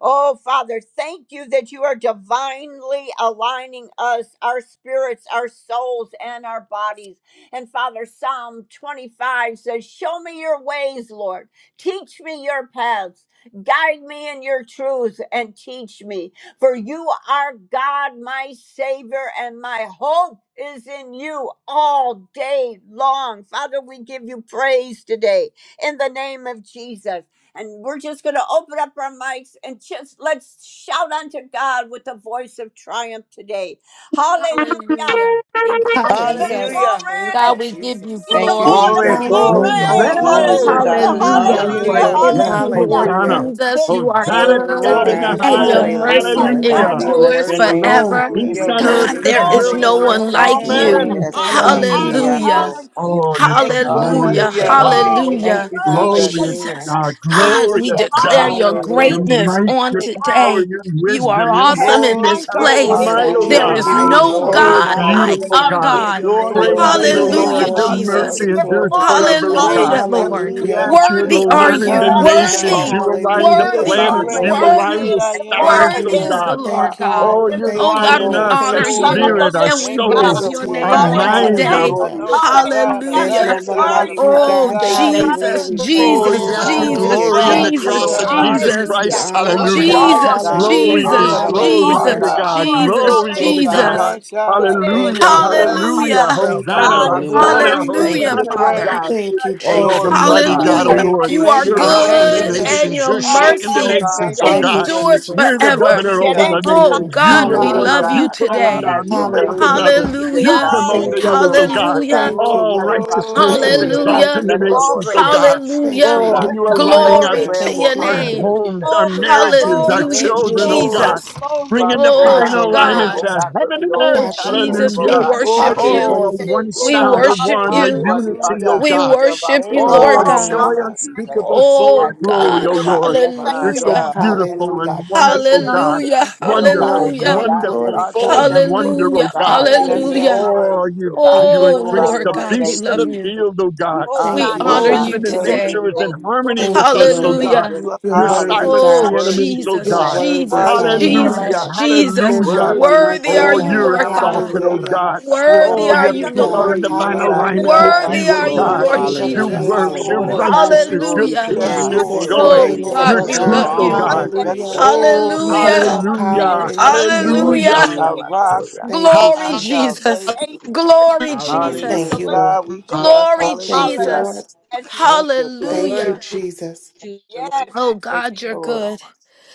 Speaker 2: Oh, Father, thank you that you are divinely aligning us, our spirits, our souls, and our bodies. And Father, Psalm 25 says, Show me your ways, Lord. Teach me your paths. Guide me in your truths and teach me. For you are God, my Savior, and my hope is in you all day long. Father, we give you praise today in the name of Jesus. And we're just going to open up our mics and just let's shout unto God with the voice of triumph today. Hallelujah.
Speaker 3: Hallelujah. Thank you,
Speaker 2: Give him
Speaker 4: Hallelujah.
Speaker 3: Jesus.
Speaker 5: Hallelujah.
Speaker 4: Thank you,
Speaker 3: God,
Speaker 2: glory.
Speaker 3: we give you
Speaker 2: He's
Speaker 4: Jesus.
Speaker 2: the
Speaker 5: Thank you,
Speaker 3: glory.
Speaker 2: Lord of
Speaker 3: We
Speaker 6: Glory,
Speaker 3: give
Speaker 5: Jesus.
Speaker 3: you
Speaker 6: glory,
Speaker 4: Hallelujah.
Speaker 7: Glory!
Speaker 3: honor.
Speaker 2: glory.
Speaker 6: glory.
Speaker 5: Glory to
Speaker 4: Hallelujah.
Speaker 2: Hallelujah.
Speaker 5: God.
Speaker 3: Hallelujah,
Speaker 6: Thank
Speaker 7: Hallelujah.
Speaker 6: you,
Speaker 4: Thank you,
Speaker 2: Hallelujah.
Speaker 3: Lord.
Speaker 5: Hallelujah.
Speaker 4: Lord.
Speaker 6: Jesus.
Speaker 3: Thank
Speaker 7: Yes,
Speaker 3: you,
Speaker 2: Hallelujah.
Speaker 3: Lord
Speaker 7: Hosanna.
Speaker 4: Hallelujah.
Speaker 3: Jesus.
Speaker 2: His
Speaker 3: You are
Speaker 2: name
Speaker 7: Hosanna to
Speaker 4: Glory to
Speaker 3: good
Speaker 7: God
Speaker 6: Glory
Speaker 7: in
Speaker 5: Thank
Speaker 6: to
Speaker 7: the
Speaker 5: you,
Speaker 4: God.
Speaker 6: the
Speaker 2: is
Speaker 3: and your
Speaker 7: highest.
Speaker 5: Jesus.
Speaker 6: Lamb.
Speaker 2: Yeshua,
Speaker 3: mercy
Speaker 4: Hallelujah.
Speaker 5: God,
Speaker 4: God,
Speaker 7: Hallelujah.
Speaker 5: we
Speaker 6: Hallelujah.
Speaker 4: you're
Speaker 2: Yahweh,
Speaker 5: bless
Speaker 3: endures
Speaker 5: your
Speaker 4: worthy.
Speaker 5: name.
Speaker 7: Shalom,
Speaker 2: Adonai.
Speaker 3: forever.
Speaker 5: We give
Speaker 7: peace
Speaker 6: Glory.
Speaker 2: We
Speaker 4: You're
Speaker 5: you
Speaker 7: on
Speaker 2: give
Speaker 7: earth,
Speaker 3: God,
Speaker 4: worthy.
Speaker 5: glory.
Speaker 3: there is
Speaker 7: goodwill
Speaker 2: glory
Speaker 3: no
Speaker 6: Bless your
Speaker 4: Hallelujah.
Speaker 7: towards
Speaker 3: one
Speaker 6: holy
Speaker 7: all
Speaker 4: Thank
Speaker 3: like
Speaker 4: you,
Speaker 5: Oh,
Speaker 6: name.
Speaker 3: you.
Speaker 2: and
Speaker 7: men.
Speaker 4: Lord.
Speaker 5: yes,
Speaker 4: Thank you,
Speaker 2: honor,
Speaker 5: God.
Speaker 6: Thank you,
Speaker 7: Hallelujah.
Speaker 5: Eh,
Speaker 2: honor,
Speaker 5: and
Speaker 4: Jesus.
Speaker 3: Hallelujah.
Speaker 5: oh.
Speaker 6: Jesus.
Speaker 2: honor to you.
Speaker 7: Oh, you're so
Speaker 6: Thank you for
Speaker 2: Lord.
Speaker 7: glorious
Speaker 6: another
Speaker 3: Hallelujah.
Speaker 7: to
Speaker 5: Hallelujah.
Speaker 4: Thank
Speaker 6: day.
Speaker 7: God.
Speaker 4: you,
Speaker 2: Oh,
Speaker 6: Thank you,
Speaker 2: we
Speaker 5: Thank
Speaker 4: Lord.
Speaker 6: thank
Speaker 3: Hallelujah.
Speaker 5: you,
Speaker 6: you, thank
Speaker 2: praise
Speaker 6: you.
Speaker 2: the
Speaker 5: Jesus.
Speaker 7: Glorious
Speaker 2: name
Speaker 4: Hallelujah.
Speaker 3: Jesus,
Speaker 2: of
Speaker 7: God.
Speaker 2: Jesus.
Speaker 6: Thank you
Speaker 3: God,
Speaker 6: for
Speaker 3: we
Speaker 6: the
Speaker 7: Glorious
Speaker 3: declare
Speaker 6: activities
Speaker 7: God.
Speaker 6: of
Speaker 3: your
Speaker 6: our
Speaker 2: Hallelujah,
Speaker 6: hands.
Speaker 7: Your
Speaker 4: Hallelujah.
Speaker 3: greatness
Speaker 6: Thank
Speaker 7: might,
Speaker 6: you,
Speaker 3: on
Speaker 7: your
Speaker 6: thank you,
Speaker 2: God.
Speaker 6: thank
Speaker 7: power,
Speaker 3: today.
Speaker 6: you.
Speaker 7: your
Speaker 3: You are
Speaker 7: wisdom, your
Speaker 2: You have
Speaker 3: awesome
Speaker 7: knowledge
Speaker 3: in
Speaker 7: and
Speaker 6: Glory,
Speaker 3: this
Speaker 2: conquered
Speaker 7: counsel and
Speaker 6: glory,
Speaker 2: it.
Speaker 3: place.
Speaker 7: might,
Speaker 4: God,
Speaker 7: oh
Speaker 4: you
Speaker 5: Hallelujah.
Speaker 3: There
Speaker 4: are
Speaker 5: We
Speaker 6: glory,
Speaker 7: God.
Speaker 3: is
Speaker 5: give
Speaker 2: Now
Speaker 5: you
Speaker 4: mighty,
Speaker 6: glory. I
Speaker 3: no
Speaker 4: Father.
Speaker 5: glory,
Speaker 7: Oh,
Speaker 2: conquered
Speaker 5: oh
Speaker 6: appreciate
Speaker 3: God
Speaker 2: all
Speaker 5: God.
Speaker 2: of
Speaker 3: like
Speaker 2: the
Speaker 7: beautiful
Speaker 4: Hallelujah.
Speaker 3: our
Speaker 5: We
Speaker 7: God.
Speaker 6: We
Speaker 2: enemy
Speaker 5: give
Speaker 3: God.
Speaker 5: your
Speaker 2: in
Speaker 6: adore
Speaker 2: the
Speaker 5: name
Speaker 6: you,
Speaker 5: the
Speaker 2: name
Speaker 7: Praise
Speaker 4: Glory,
Speaker 6: God.
Speaker 2: of
Speaker 7: you,
Speaker 6: We
Speaker 7: the
Speaker 5: praise,
Speaker 4: glory,
Speaker 6: thank
Speaker 7: Lord.
Speaker 6: you
Speaker 5: God.
Speaker 3: Hallelujah,
Speaker 2: Jesus.
Speaker 6: for
Speaker 7: Your
Speaker 4: glory,
Speaker 6: your
Speaker 7: mercy
Speaker 5: Hallelujah,
Speaker 4: glory,
Speaker 3: Jesus.
Speaker 6: mercy
Speaker 2: Give
Speaker 7: endures
Speaker 4: glory to
Speaker 5: Jesus.
Speaker 6: and
Speaker 2: glory.
Speaker 4: you,
Speaker 6: your
Speaker 7: forever, oh
Speaker 4: God.
Speaker 7: God.
Speaker 3: Hallelujah,
Speaker 6: grace.
Speaker 2: Hallelujah.
Speaker 3: Lord.
Speaker 5: Hallelujah,
Speaker 6: Hallelujah.
Speaker 4: Hallelujah.
Speaker 7: Yes,
Speaker 5: Lord.
Speaker 2: Bless
Speaker 7: you're
Speaker 5: You are
Speaker 6: Your
Speaker 3: Worthy are
Speaker 4: You're
Speaker 6: loving
Speaker 5: worthy,
Speaker 7: aligning
Speaker 2: him
Speaker 3: you.
Speaker 7: the
Speaker 5: God.
Speaker 4: worthy,
Speaker 6: kindness,
Speaker 5: You
Speaker 4: Father.
Speaker 5: are
Speaker 7: nations.
Speaker 6: God.
Speaker 3: Worthy,
Speaker 7: You
Speaker 2: adoration.
Speaker 5: worthy,
Speaker 6: You're
Speaker 7: align the
Speaker 4: Hallelujah.
Speaker 2: King of
Speaker 6: good.
Speaker 5: Jesus.
Speaker 6: You're
Speaker 4: Thank
Speaker 3: worthy,
Speaker 4: you,
Speaker 7: planets.
Speaker 2: glory.
Speaker 6: great.
Speaker 7: You
Speaker 5: Hallelujah.
Speaker 6: You're
Speaker 4: Lord.
Speaker 6: the
Speaker 2: He
Speaker 7: align
Speaker 3: worthy,
Speaker 6: great
Speaker 7: the
Speaker 2: is
Speaker 6: I
Speaker 2: the
Speaker 5: Thank you for
Speaker 2: Lord.
Speaker 6: am.
Speaker 4: Thank
Speaker 5: who
Speaker 7: stars,
Speaker 4: you,
Speaker 2: His
Speaker 3: worthy
Speaker 7: oh
Speaker 5: you
Speaker 3: is
Speaker 4: Lord.
Speaker 3: the
Speaker 7: God.
Speaker 2: name
Speaker 5: are,
Speaker 6: You
Speaker 5: God.
Speaker 3: Lord
Speaker 6: are
Speaker 4: Thank you,
Speaker 5: Thank you
Speaker 3: God.
Speaker 5: for
Speaker 7: Oh,
Speaker 6: all
Speaker 4: Lord.
Speaker 2: is
Speaker 6: in
Speaker 5: all
Speaker 7: you're
Speaker 2: the
Speaker 5: that
Speaker 3: Oh
Speaker 4: Thank you,
Speaker 5: you've
Speaker 3: God,
Speaker 2: Christ,
Speaker 6: all.
Speaker 7: aligning
Speaker 5: done,
Speaker 3: we
Speaker 5: all
Speaker 4: Lord.
Speaker 6: Thank
Speaker 5: that
Speaker 7: us,
Speaker 6: you,
Speaker 7: our
Speaker 3: honor
Speaker 4: Thank you,
Speaker 5: you're
Speaker 2: Son
Speaker 6: Lord.
Speaker 5: doing,
Speaker 3: you
Speaker 2: of
Speaker 5: and
Speaker 4: Lord.
Speaker 5: all
Speaker 2: the
Speaker 7: spirit,
Speaker 5: that
Speaker 7: our
Speaker 3: and
Speaker 2: living
Speaker 5: you
Speaker 3: we
Speaker 5: will
Speaker 6: Thank you.
Speaker 7: soul,
Speaker 6: What
Speaker 5: do.
Speaker 3: bless
Speaker 2: God.
Speaker 4: Glory
Speaker 6: a
Speaker 3: your
Speaker 4: to you,
Speaker 7: our
Speaker 3: name
Speaker 6: wonderful
Speaker 5: God,
Speaker 4: God.
Speaker 5: we
Speaker 3: on
Speaker 5: give
Speaker 6: God.
Speaker 5: you
Speaker 7: mind,
Speaker 3: today.
Speaker 2: Hallelujah.
Speaker 7: our
Speaker 6: An
Speaker 4: Hallelujah.
Speaker 5: glory, oh
Speaker 6: awesome
Speaker 5: God.
Speaker 6: God. A
Speaker 5: We
Speaker 2: Hallelujah.
Speaker 4: There's
Speaker 3: Hallelujah.
Speaker 4: no
Speaker 6: loving
Speaker 5: bless
Speaker 4: one
Speaker 5: your
Speaker 6: God. A
Speaker 4: like
Speaker 5: name,
Speaker 4: you,
Speaker 2: Mercy,
Speaker 5: God.
Speaker 6: mighty
Speaker 5: We
Speaker 3: Oh,
Speaker 4: God.
Speaker 5: say
Speaker 6: God.
Speaker 5: thank
Speaker 4: Hallelujah.
Speaker 3: Jesus,
Speaker 2: grace,
Speaker 4: We
Speaker 5: you, Jesus.
Speaker 7: Oh,
Speaker 4: praise you,
Speaker 3: Jesus,
Speaker 7: yes, we
Speaker 5: Hallelujah.
Speaker 4: Father.
Speaker 2: truth
Speaker 4: We
Speaker 6: Oh,
Speaker 3: Jesus,
Speaker 7: glory in the
Speaker 2: surrounds
Speaker 5: Thank
Speaker 6: God,
Speaker 4: exalt
Speaker 6: we
Speaker 2: us.
Speaker 5: you,
Speaker 4: you,
Speaker 3: Jesus,
Speaker 7: cross of
Speaker 5: Lord.
Speaker 4: God.
Speaker 6: serve.
Speaker 7: Jesus
Speaker 3: Jesus,
Speaker 4: We
Speaker 5: Hallelujah.
Speaker 2: Hallelujah.
Speaker 7: Christ.
Speaker 4: honor
Speaker 6: No
Speaker 2: We
Speaker 4: you,
Speaker 6: other
Speaker 7: Hallelujah.
Speaker 4: God.
Speaker 6: like
Speaker 5: Oh
Speaker 3: Jesus,
Speaker 2: walk.
Speaker 6: you.
Speaker 5: God, thank
Speaker 7: Glory
Speaker 5: you
Speaker 4: Hallelujah.
Speaker 6: Oh,
Speaker 7: be,
Speaker 5: for
Speaker 6: da
Speaker 3: Jesus,
Speaker 2: Oh,
Speaker 6: da
Speaker 2: we
Speaker 5: who
Speaker 6: ba
Speaker 5: you
Speaker 7: glory
Speaker 2: walk
Speaker 7: be
Speaker 5: are,
Speaker 2: with
Speaker 4: Hallelujah.
Speaker 7: to
Speaker 3: Jesus,
Speaker 2: the
Speaker 5: God.
Speaker 6: shanda.
Speaker 7: God.
Speaker 2: Lord.
Speaker 5: Thank
Speaker 3: Jesus,
Speaker 7: Glory
Speaker 2: Hallelujah.
Speaker 5: you,
Speaker 7: be
Speaker 5: oh
Speaker 7: to
Speaker 4: Thank you,
Speaker 5: God.
Speaker 7: God.
Speaker 5: Hallelujah.
Speaker 4: Lord.
Speaker 6: My
Speaker 3: Jesus.
Speaker 6: God, we
Speaker 5: For
Speaker 2: Yes,
Speaker 4: Thank
Speaker 7: Hallelujah,
Speaker 6: lift
Speaker 4: you,
Speaker 6: you
Speaker 5: making
Speaker 4: Lord.
Speaker 6: up.
Speaker 5: all things
Speaker 2: Yalamahaya.
Speaker 7: hallelujah.
Speaker 3: Hallelujah.
Speaker 5: well,
Speaker 4: Thank
Speaker 6: We
Speaker 4: you,
Speaker 5: God.
Speaker 6: give
Speaker 7: Hosanna,
Speaker 2: God
Speaker 6: you the
Speaker 4: Lord.
Speaker 5: Father,
Speaker 2: is
Speaker 5: we
Speaker 8: Hallelujah.
Speaker 5: bless
Speaker 7: Hosanna,
Speaker 6: glory.
Speaker 5: your
Speaker 6: We
Speaker 8: Thank
Speaker 6: give you
Speaker 3: Hallelujah,
Speaker 8: you,
Speaker 2: divinely
Speaker 6: the
Speaker 5: name.
Speaker 7: Hosanna to
Speaker 8: Father.
Speaker 3: Father.
Speaker 6: praise.
Speaker 7: God.
Speaker 5: We
Speaker 2: aligning
Speaker 5: give
Speaker 4: Thank you,
Speaker 2: us
Speaker 5: you
Speaker 7: Oh,
Speaker 8: Thank
Speaker 2: today.
Speaker 7: the
Speaker 8: you.
Speaker 6: We
Speaker 5: glory,
Speaker 4: Jesus.
Speaker 5: oh
Speaker 6: love
Speaker 7: mighty
Speaker 6: you,
Speaker 5: God.
Speaker 2: In
Speaker 7: God, oh
Speaker 2: the
Speaker 3: Hallelujah.
Speaker 6: Lord.
Speaker 8: Hallelujah.
Speaker 4: Thank
Speaker 7: Lord.
Speaker 2: mighty
Speaker 4: you,
Speaker 3: You are
Speaker 6: Thank
Speaker 5: We
Speaker 2: name
Speaker 7: You're
Speaker 2: of
Speaker 6: you.
Speaker 5: honor
Speaker 4: Jesus.
Speaker 7: rocking
Speaker 6: Thank
Speaker 7: the
Speaker 5: you
Speaker 6: you.
Speaker 3: good
Speaker 5: and
Speaker 6: Thank
Speaker 8: Hallelujah.
Speaker 5: give
Speaker 3: and
Speaker 6: you.
Speaker 5: you
Speaker 7: nations.
Speaker 3: your
Speaker 5: the
Speaker 7: You're
Speaker 6: Thank you.
Speaker 2: Oh,
Speaker 5: praise,
Speaker 7: shaking the
Speaker 5: oh
Speaker 3: mercy
Speaker 5: God.
Speaker 6: Thank,
Speaker 7: nations,
Speaker 2: hallelujah.
Speaker 7: oh
Speaker 6: thank
Speaker 4: Thank you,
Speaker 7: God.
Speaker 6: you. And
Speaker 5: Hallelujah,
Speaker 3: endures
Speaker 7: You're
Speaker 4: Jesus.
Speaker 7: the
Speaker 5: Jesus.
Speaker 2: Ooh,
Speaker 3: forever.
Speaker 7: governor over
Speaker 2: Shalem.
Speaker 6: hallelujah.
Speaker 7: the
Speaker 4: Thank you,
Speaker 3: Oh,
Speaker 7: nations.
Speaker 4: Lord.
Speaker 3: God,
Speaker 7: You lift
Speaker 8: You
Speaker 3: we
Speaker 7: one
Speaker 6: Hallelujah.
Speaker 5: Oh
Speaker 8: are.
Speaker 7: up.
Speaker 3: love
Speaker 4: Hallelujah.
Speaker 3: you
Speaker 7: You
Speaker 5: God,
Speaker 7: put one
Speaker 8: We
Speaker 3: today.
Speaker 5: have
Speaker 7: down. You
Speaker 5: your
Speaker 8: exalt
Speaker 5: way
Speaker 6: Hallelujah.
Speaker 7: raise
Speaker 8: you
Speaker 5: in this
Speaker 4: Hallelujah.
Speaker 8: this
Speaker 7: another.
Speaker 5: room
Speaker 8: morning,
Speaker 5: today,
Speaker 7: You
Speaker 8: Father.
Speaker 3: Hallelujah.
Speaker 8: We
Speaker 5: God, in
Speaker 7: promote
Speaker 5: the
Speaker 8: thank
Speaker 4: Thank
Speaker 7: the
Speaker 4: you,
Speaker 5: name
Speaker 8: you.
Speaker 5: of
Speaker 7: others, oh
Speaker 4: Lord.
Speaker 5: Jesus,
Speaker 2: Hallelujah.
Speaker 7: God.
Speaker 5: oh God.
Speaker 3: Hallelujah.
Speaker 4: Thank you,
Speaker 7: All
Speaker 5: Touch
Speaker 4: Lord.
Speaker 5: Apostle
Speaker 7: righteousness is
Speaker 6: Glory.
Speaker 5: Sandy, oh God.
Speaker 3: Hallelujah.
Speaker 7: exalting
Speaker 4: Thank you,
Speaker 7: the
Speaker 5: Bless her,
Speaker 4: Lord.
Speaker 5: Lord,
Speaker 7: nations,
Speaker 2: Glory.
Speaker 5: in
Speaker 7: oh
Speaker 5: the name
Speaker 7: God.
Speaker 5: of Jesus,
Speaker 4: Thank
Speaker 3: Hallelujah.
Speaker 5: oh
Speaker 4: you,
Speaker 7: Oh,
Speaker 2: Give
Speaker 5: God.
Speaker 2: him
Speaker 4: Lord.
Speaker 7: you are
Speaker 2: the
Speaker 5: Touch
Speaker 7: lining
Speaker 5: the
Speaker 7: our,
Speaker 2: glory.
Speaker 3: Glory
Speaker 6: Glory.
Speaker 5: prayer
Speaker 3: to
Speaker 4: Thank
Speaker 3: your
Speaker 4: you,
Speaker 5: warriors,
Speaker 7: our
Speaker 2: Give
Speaker 5: the
Speaker 4: Lord.
Speaker 2: him
Speaker 3: name.
Speaker 8: Hallelujah.
Speaker 7: homes, our
Speaker 5: intercessors, oh
Speaker 2: glory,
Speaker 5: God, in the
Speaker 7: marriages,
Speaker 5: name
Speaker 7: our
Speaker 5: of
Speaker 2: glory,
Speaker 4: Jesus,
Speaker 3: Hallelujah,
Speaker 6: Thank you,
Speaker 7: children,
Speaker 5: Jesus,
Speaker 7: oh
Speaker 5: oh
Speaker 2: glory,
Speaker 4: Jesus.
Speaker 6: Lord.
Speaker 7: God.
Speaker 5: God.
Speaker 3: Jesus.
Speaker 7: bring Bringing
Speaker 2: glory.
Speaker 5: Father, oh
Speaker 4: God,
Speaker 7: divine
Speaker 3: Oh
Speaker 5: God,
Speaker 4: you're
Speaker 5: you know,
Speaker 7: alignment
Speaker 3: God.
Speaker 4: worthy.
Speaker 7: to
Speaker 5: oh God,
Speaker 7: heaven
Speaker 5: what we
Speaker 7: and
Speaker 5: all
Speaker 7: earth.
Speaker 3: Oh
Speaker 4: God, you're
Speaker 5: stand in need of,
Speaker 3: Jesus,
Speaker 4: worthy.
Speaker 5: oh
Speaker 3: we
Speaker 7: Hallelujah.
Speaker 6: Good
Speaker 5: God. And
Speaker 4: God,
Speaker 5: Father,
Speaker 3: worship
Speaker 4: you're
Speaker 5: we
Speaker 3: you.
Speaker 5: look
Speaker 6: morning,
Speaker 7: Oh, a
Speaker 5: to
Speaker 4: worthy.
Speaker 2: Mercy.
Speaker 7: one
Speaker 5: you, oh
Speaker 3: We
Speaker 5: God,
Speaker 7: sound,
Speaker 6: Jesus.
Speaker 7: a
Speaker 3: worship
Speaker 7: one,
Speaker 5: for
Speaker 7: a
Speaker 3: you.
Speaker 5: you
Speaker 2: Hallelujah,
Speaker 5: are the
Speaker 7: unity,
Speaker 2: Lord.
Speaker 5: author
Speaker 7: oh
Speaker 5: and
Speaker 6: Hallelujah.
Speaker 3: We
Speaker 7: God.
Speaker 5: finisher of our
Speaker 3: worship
Speaker 6: Thank
Speaker 5: faith,
Speaker 3: you,
Speaker 6: you,
Speaker 5: oh
Speaker 4: Thank
Speaker 7: Oh, a
Speaker 3: Lord
Speaker 4: you,
Speaker 5: God,
Speaker 2: Oh,
Speaker 5: in the
Speaker 4: Lord.
Speaker 3: God.
Speaker 7: joy
Speaker 5: name
Speaker 2: God.
Speaker 5: of
Speaker 6: Jesus.
Speaker 2: Thank
Speaker 5: Jesus.
Speaker 7: unspeakable,
Speaker 2: you,
Speaker 7: full of
Speaker 2: Lord.
Speaker 5: Have
Speaker 3: Oh
Speaker 5: your
Speaker 2: Thank
Speaker 5: way,
Speaker 7: glory,
Speaker 3: God.
Speaker 7: oh
Speaker 5: oh
Speaker 2: you,
Speaker 5: God.
Speaker 2: Lord.
Speaker 7: Lord.
Speaker 5: Bless
Speaker 2: Thank
Speaker 5: us
Speaker 6: My
Speaker 7: You're
Speaker 2: You.
Speaker 5: as
Speaker 7: so
Speaker 5: only
Speaker 3: Hallelujah.
Speaker 5: you
Speaker 6: God.
Speaker 5: can,
Speaker 7: beautiful
Speaker 5: oh
Speaker 7: and
Speaker 5: God.
Speaker 4: Hallelujah.
Speaker 2: There is
Speaker 7: wonderful,
Speaker 5: Strengthen us,
Speaker 2: none
Speaker 7: God.
Speaker 2: like
Speaker 5: only
Speaker 3: Hallelujah.
Speaker 2: you,
Speaker 5: you can,
Speaker 2: Lord.
Speaker 5: oh God.
Speaker 2: There is
Speaker 4: Glory,
Speaker 7: Wonderful,
Speaker 2: none
Speaker 3: Hallelujah.
Speaker 4: glory,
Speaker 2: like
Speaker 5: God,
Speaker 7: wonderful,
Speaker 4: glory,
Speaker 5: enlarge our
Speaker 7: full of
Speaker 4: glory.
Speaker 7: wonder,
Speaker 5: territories, oh
Speaker 3: Hallelujah.
Speaker 7: oh
Speaker 5: God,
Speaker 2: you.
Speaker 7: God.
Speaker 5: in
Speaker 2: Have
Speaker 5: the
Speaker 2: we
Speaker 6: Yes,
Speaker 4: Hallelujah.
Speaker 5: name
Speaker 3: Hallelujah.
Speaker 5: of
Speaker 2: ever,
Speaker 6: Lord.
Speaker 7: Oh,
Speaker 5: Jesus,
Speaker 7: you,
Speaker 5: oh God.
Speaker 4: Thank
Speaker 7: you
Speaker 4: you,
Speaker 2: Lord
Speaker 3: Oh
Speaker 4: Lord.
Speaker 7: increase
Speaker 6: Oh,
Speaker 5: Father,
Speaker 3: Lord
Speaker 7: the
Speaker 5: we
Speaker 2: Jesus?
Speaker 3: God, we
Speaker 5: thank
Speaker 6: wonderful
Speaker 7: beast of the
Speaker 3: love
Speaker 5: you.
Speaker 3: you.
Speaker 6: Jesus.
Speaker 7: field, oh God.
Speaker 5: We
Speaker 2: Oh,
Speaker 3: We
Speaker 4: Thank
Speaker 5: honor
Speaker 2: God,
Speaker 4: you,
Speaker 5: you,
Speaker 3: honor
Speaker 7: Oh,
Speaker 2: thank
Speaker 6: Wonderful
Speaker 5: God.
Speaker 3: you
Speaker 7: even in
Speaker 5: We
Speaker 2: you,
Speaker 4: Jesus.
Speaker 5: give
Speaker 2: Lord.
Speaker 5: you
Speaker 3: today.
Speaker 6: Savior.
Speaker 7: nature is in
Speaker 2: Thank
Speaker 5: glory.
Speaker 2: you,
Speaker 7: harmony
Speaker 2: Lord.
Speaker 4: Thank
Speaker 7: with
Speaker 2: Thank
Speaker 4: you,
Speaker 5: We
Speaker 7: us, oh
Speaker 4: Lord.
Speaker 6: We
Speaker 5: bless
Speaker 7: God.
Speaker 3: Hallelujah.
Speaker 6: lift
Speaker 5: your
Speaker 6: you up
Speaker 4: You're
Speaker 5: name.
Speaker 7: You
Speaker 6: higher,
Speaker 4: worthy,
Speaker 7: silence
Speaker 5: Hallelujah.
Speaker 3: Oh,
Speaker 7: the
Speaker 4: God.
Speaker 6: higher,
Speaker 5: Worthy
Speaker 7: enemies,
Speaker 5: is
Speaker 7: oh
Speaker 5: the
Speaker 3: Jesus,
Speaker 4: You're
Speaker 7: God.
Speaker 5: Lamb.
Speaker 4: worthy,
Speaker 3: Jesus,
Speaker 5: Worthy
Speaker 6: higher and
Speaker 5: is the
Speaker 4: Father.
Speaker 7: Hallelujah,
Speaker 3: Jesus,
Speaker 6: higher.
Speaker 5: Lamb.
Speaker 3: Jesus.
Speaker 2: you,
Speaker 4: There's no
Speaker 7: hallelujah.
Speaker 4: one
Speaker 5: Worthy
Speaker 6: We
Speaker 5: is
Speaker 4: like
Speaker 3: Worthy
Speaker 5: the
Speaker 4: you,
Speaker 3: are
Speaker 7: Oh,
Speaker 6: thank
Speaker 3: you,
Speaker 5: Lamb.
Speaker 6: you,
Speaker 4: God.
Speaker 7: you're
Speaker 3: Lord
Speaker 6: thank you,
Speaker 3: God.
Speaker 7: exalted,
Speaker 5: Yamando
Speaker 7: oh
Speaker 6: thank
Speaker 4: Hallelujah.
Speaker 6: you.
Speaker 7: God.
Speaker 4: You're
Speaker 5: Yarabasataya.
Speaker 4: a
Speaker 3: Worthy
Speaker 7: Oh,
Speaker 3: are
Speaker 2: Spirit
Speaker 7: your
Speaker 4: mighty
Speaker 3: you,
Speaker 2: of the
Speaker 7: people are
Speaker 4: God.
Speaker 2: Lord.
Speaker 3: Lord.
Speaker 7: in divine
Speaker 5: Yea,
Speaker 2: There
Speaker 6: My
Speaker 5: God.
Speaker 2: is
Speaker 7: alignment
Speaker 4: Hallelujah.
Speaker 7: with
Speaker 6: God.
Speaker 2: liberty
Speaker 3: Worthy
Speaker 7: you,
Speaker 8: Yes,
Speaker 7: oh
Speaker 3: are
Speaker 4: You
Speaker 5: Yabasondo
Speaker 3: you,
Speaker 8: Lord.
Speaker 4: are
Speaker 2: and
Speaker 7: God.
Speaker 3: Lord
Speaker 4: King of
Speaker 7: Your
Speaker 8: Hallelujah.
Speaker 3: Jesus.
Speaker 2: exaltation
Speaker 4: kings
Speaker 6: Yes,
Speaker 5: Yarabaso.
Speaker 2: and
Speaker 4: and
Speaker 7: works, your
Speaker 4: Lord
Speaker 8: Hallelujah.
Speaker 4: of
Speaker 6: Lord.
Speaker 2: freedom.
Speaker 7: righteousness,
Speaker 4: lords.
Speaker 7: your
Speaker 5: Glory
Speaker 8: You're
Speaker 5: to
Speaker 3: Hallelujah.
Speaker 6: Yes,
Speaker 7: peace,
Speaker 5: God.
Speaker 7: your
Speaker 8: worthy.
Speaker 2: Thank
Speaker 6: Lord.
Speaker 8: You
Speaker 5: Thank
Speaker 8: are
Speaker 4: Jesus,
Speaker 5: you,
Speaker 4: your
Speaker 7: joy,
Speaker 6: Yes,
Speaker 3: Oh,
Speaker 4: name
Speaker 8: worthy.
Speaker 4: is
Speaker 2: you,
Speaker 8: You
Speaker 5: Jesus.
Speaker 3: God,
Speaker 7: your
Speaker 6: Lord.
Speaker 4: above
Speaker 3: we
Speaker 2: thank
Speaker 8: deserve
Speaker 2: you,
Speaker 7: truth,
Speaker 3: love
Speaker 4: all.
Speaker 7: oh
Speaker 8: all
Speaker 2: break
Speaker 8: the
Speaker 3: you.
Speaker 7: God.
Speaker 5: Thank
Speaker 2: it.
Speaker 5: you,
Speaker 6: Bless
Speaker 8: praise,
Speaker 4: Hallelujah.
Speaker 6: the
Speaker 5: son.
Speaker 8: Lord.
Speaker 2: Thank
Speaker 6: name of
Speaker 8: We
Speaker 7: Oh,
Speaker 2: you,
Speaker 4: You
Speaker 2: Lord,
Speaker 4: hold
Speaker 3: Hallelujah.
Speaker 2: that
Speaker 6: Jesus.
Speaker 4: all
Speaker 8: glorify
Speaker 2: our
Speaker 4: power
Speaker 8: you.
Speaker 7: hallelujah,
Speaker 4: in
Speaker 2: families of
Speaker 4: your hand,
Speaker 5: Oh,
Speaker 4: oh
Speaker 3: Hallelujah.
Speaker 4: God.
Speaker 7: hallelujah.
Speaker 2: the
Speaker 5: yeah,
Speaker 6: Our
Speaker 8: Mm.
Speaker 2: kingdom.
Speaker 6: rock,
Speaker 5: Yabasoya.
Speaker 2: Thank
Speaker 4: Thank you,
Speaker 7: Ha-
Speaker 3: Glory,
Speaker 6: our
Speaker 4: Jesus.
Speaker 2: you,
Speaker 3: Jesus.
Speaker 2: our
Speaker 6: salvation.
Speaker 2: nation, for,
Speaker 3: Glory,
Speaker 2: and
Speaker 8: Hallelujah.
Speaker 2: for
Speaker 6: In
Speaker 4: Thank
Speaker 3: Jesus.
Speaker 5: Hallelujah.
Speaker 4: you, Lord.
Speaker 6: God we
Speaker 2: deliverance today.
Speaker 6: trust.
Speaker 3: Glory,
Speaker 4: Thank you,
Speaker 6: Hallelujah.
Speaker 3: Jesus.
Speaker 4: Lord.
Speaker 2: Hallelujah. As we,
Speaker 6: Thank you,
Speaker 8: You're
Speaker 6: thank
Speaker 4: Thank you,
Speaker 6: you.
Speaker 8: worthy
Speaker 3: Hallelujah.
Speaker 4: Jesus.
Speaker 8: to
Speaker 6: Thank you, Lord.
Speaker 2: yes.
Speaker 3: Oh,
Speaker 6: Thank you,
Speaker 3: God, you're
Speaker 6: Lord.
Speaker 3: good.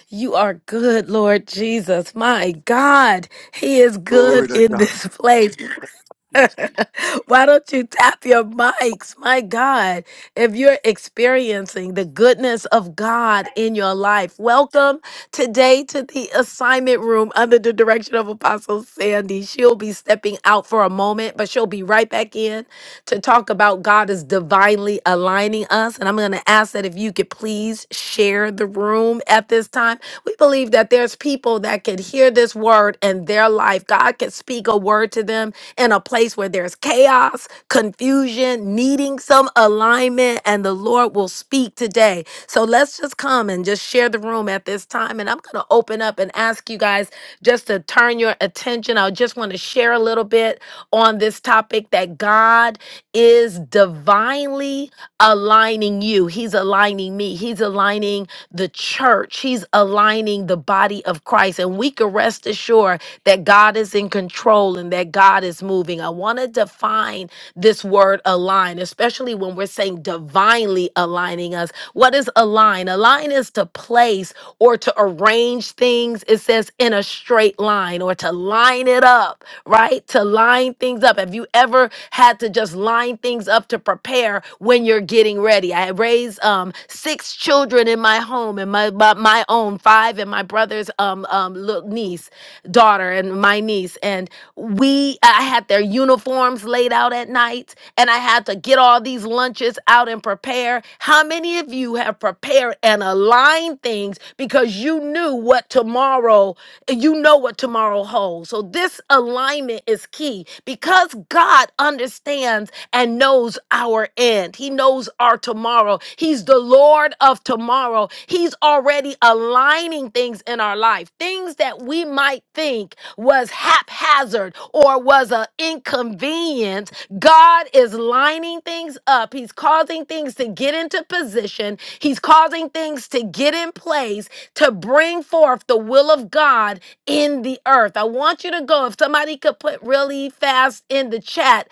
Speaker 3: You are good, Lord Jesus. My God, He is
Speaker 7: Glory
Speaker 3: good
Speaker 7: to
Speaker 3: in
Speaker 7: God.
Speaker 3: this place.
Speaker 6: Thank you, Jesus.
Speaker 3: Why don't you tap your mics? My God, if you're experiencing the goodness of God in your life, welcome today to the assignment room under the direction of Apostle Sandy. She'll be stepping out for a moment, but she'll be right back in to talk about God is divinely aligning us. And I'm going to ask that if you could please share the room at this time. We believe that there's people that could hear this word and their life. God can speak a word to them in a place where there's chaos, confusion, needing some alignment, and the Lord will speak today. So let's just come and just share the room at this time. And I'm going to open up and ask you guys just to turn your attention. I just want to share a little bit on this topic that God is divinely aligning you, He's aligning me, He's aligning the church. He's aligning the body of Christ. And we can rest assured that God is in control and that God is moving. I want to define this word align, especially when we're saying divinely aligning us. What is align? Align is to place or to arrange things, it says in a straight line or to line it up, right? To line things up. Have have you ever had to just line things up to prepare when you're getting ready? I raised um, six children in my home and my, my my own five and my brother's um, um little niece, daughter, and my niece. And we, I had their uniforms laid out at night, and I had to get all these lunches out and prepare. How many of you have prepared and aligned things? things because you knew what tomorrow, you know what tomorrow holds. So this alignment is key because God understands and knows our end. He knows our tomorrow. He's the Lord of tomorrow. He's already aligning things in our life, things that we might think was haphazard or was an inconvenience. God is lining things up. He's causing things to get into position He's causing things to get in place to bring forth the will of God in the earth. I want you to go, if somebody could put really fast in the chat,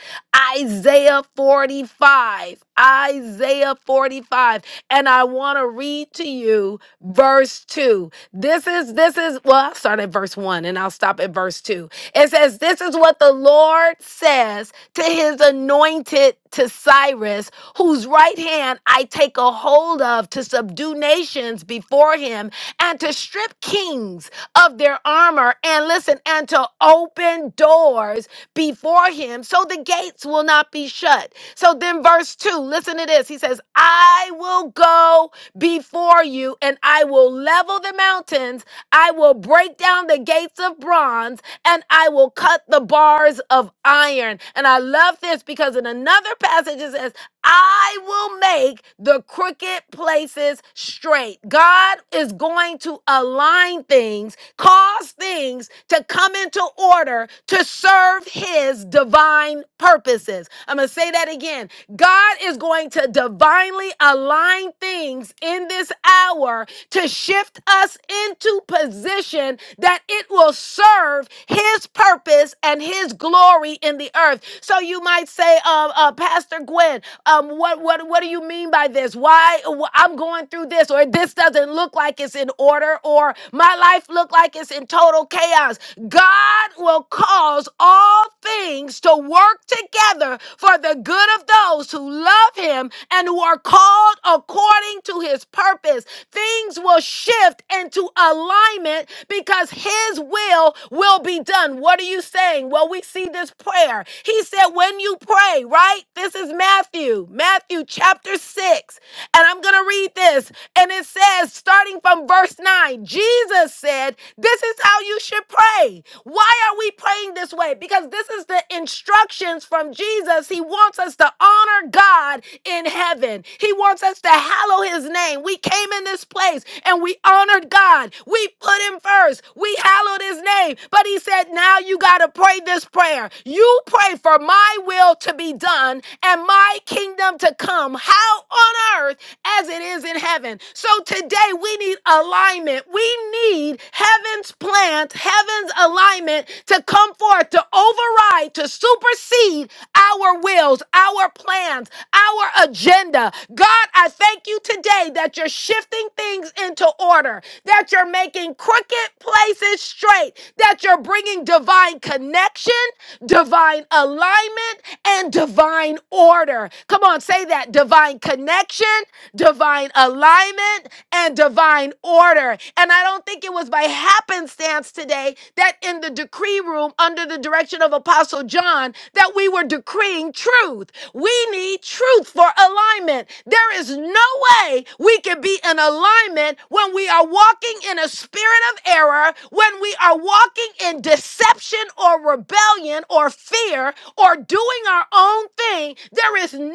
Speaker 3: Isaiah 45. Isaiah 45. And I want to read to you verse 2. This is, this is, well, I'll start at verse 1 and I'll stop at verse 2. It says, This is what the Lord says to his anointed to Cyrus, whose right hand I take a hold of to subdue nations before him and to strip kings of their armor and listen and to open doors before him so the gates will not be shut. So then, verse 2, listen to this. He says, I will go before you and I will level the mountains, I will break down the gates of bronze and I will cut the bars of iron. And I love this because in another passage it says, I will make the crooked places straight. God is going to align things cause things to come into order to serve his divine purposes. I'm going to say that again. God is going to divinely align things in this hour to shift us into position that it will serve his purpose and his glory in the earth. So you might say, uh, uh, Pastor Gwen, um, what, what, what do you mean by this? Why wh- I'm going through this or this doesn't look look like it's in order or my life look like it's in total chaos. God will cause all things to work together for the good of those who love him and who are called according to his purpose. Things will shift into alignment because his will will be done. What are you saying? Well, we see this prayer. He said, when you pray, right? This is Matthew, Matthew chapter 6. And I'm going to read this. And it says, starting from verse 9, Jesus said, This is how you should pray. Why are we praying this way? Because this is the instructions from Jesus. He wants us to honor God in heaven, He wants us to hallow His name. We came in this place and we honored God. We put Him first. We hallowed His name. But He said, Now you got to pray this prayer. You pray for my will to be done and my kingdom kingdom to come, how on earth as it is in heaven. So today we need alignment. We need heaven's plans, heaven's alignment to come forth, to override, to supersede our wills, our plans, our agenda. God, I thank you today that you're shifting things into order, that you're making crooked places straight, that you're bringing divine connection, divine alignment, and divine order. Come on, say that divine connection, divine alignment, and divine order. And I don't think it was by happenstance today that in the decree room under the direction of Apostle John that we were decreeing truth. We need truth for alignment. There is no way we can be in alignment when we are walking in a spirit of error, when we are walking in deception or rebellion rebellion or fear or doing our own thing, there is no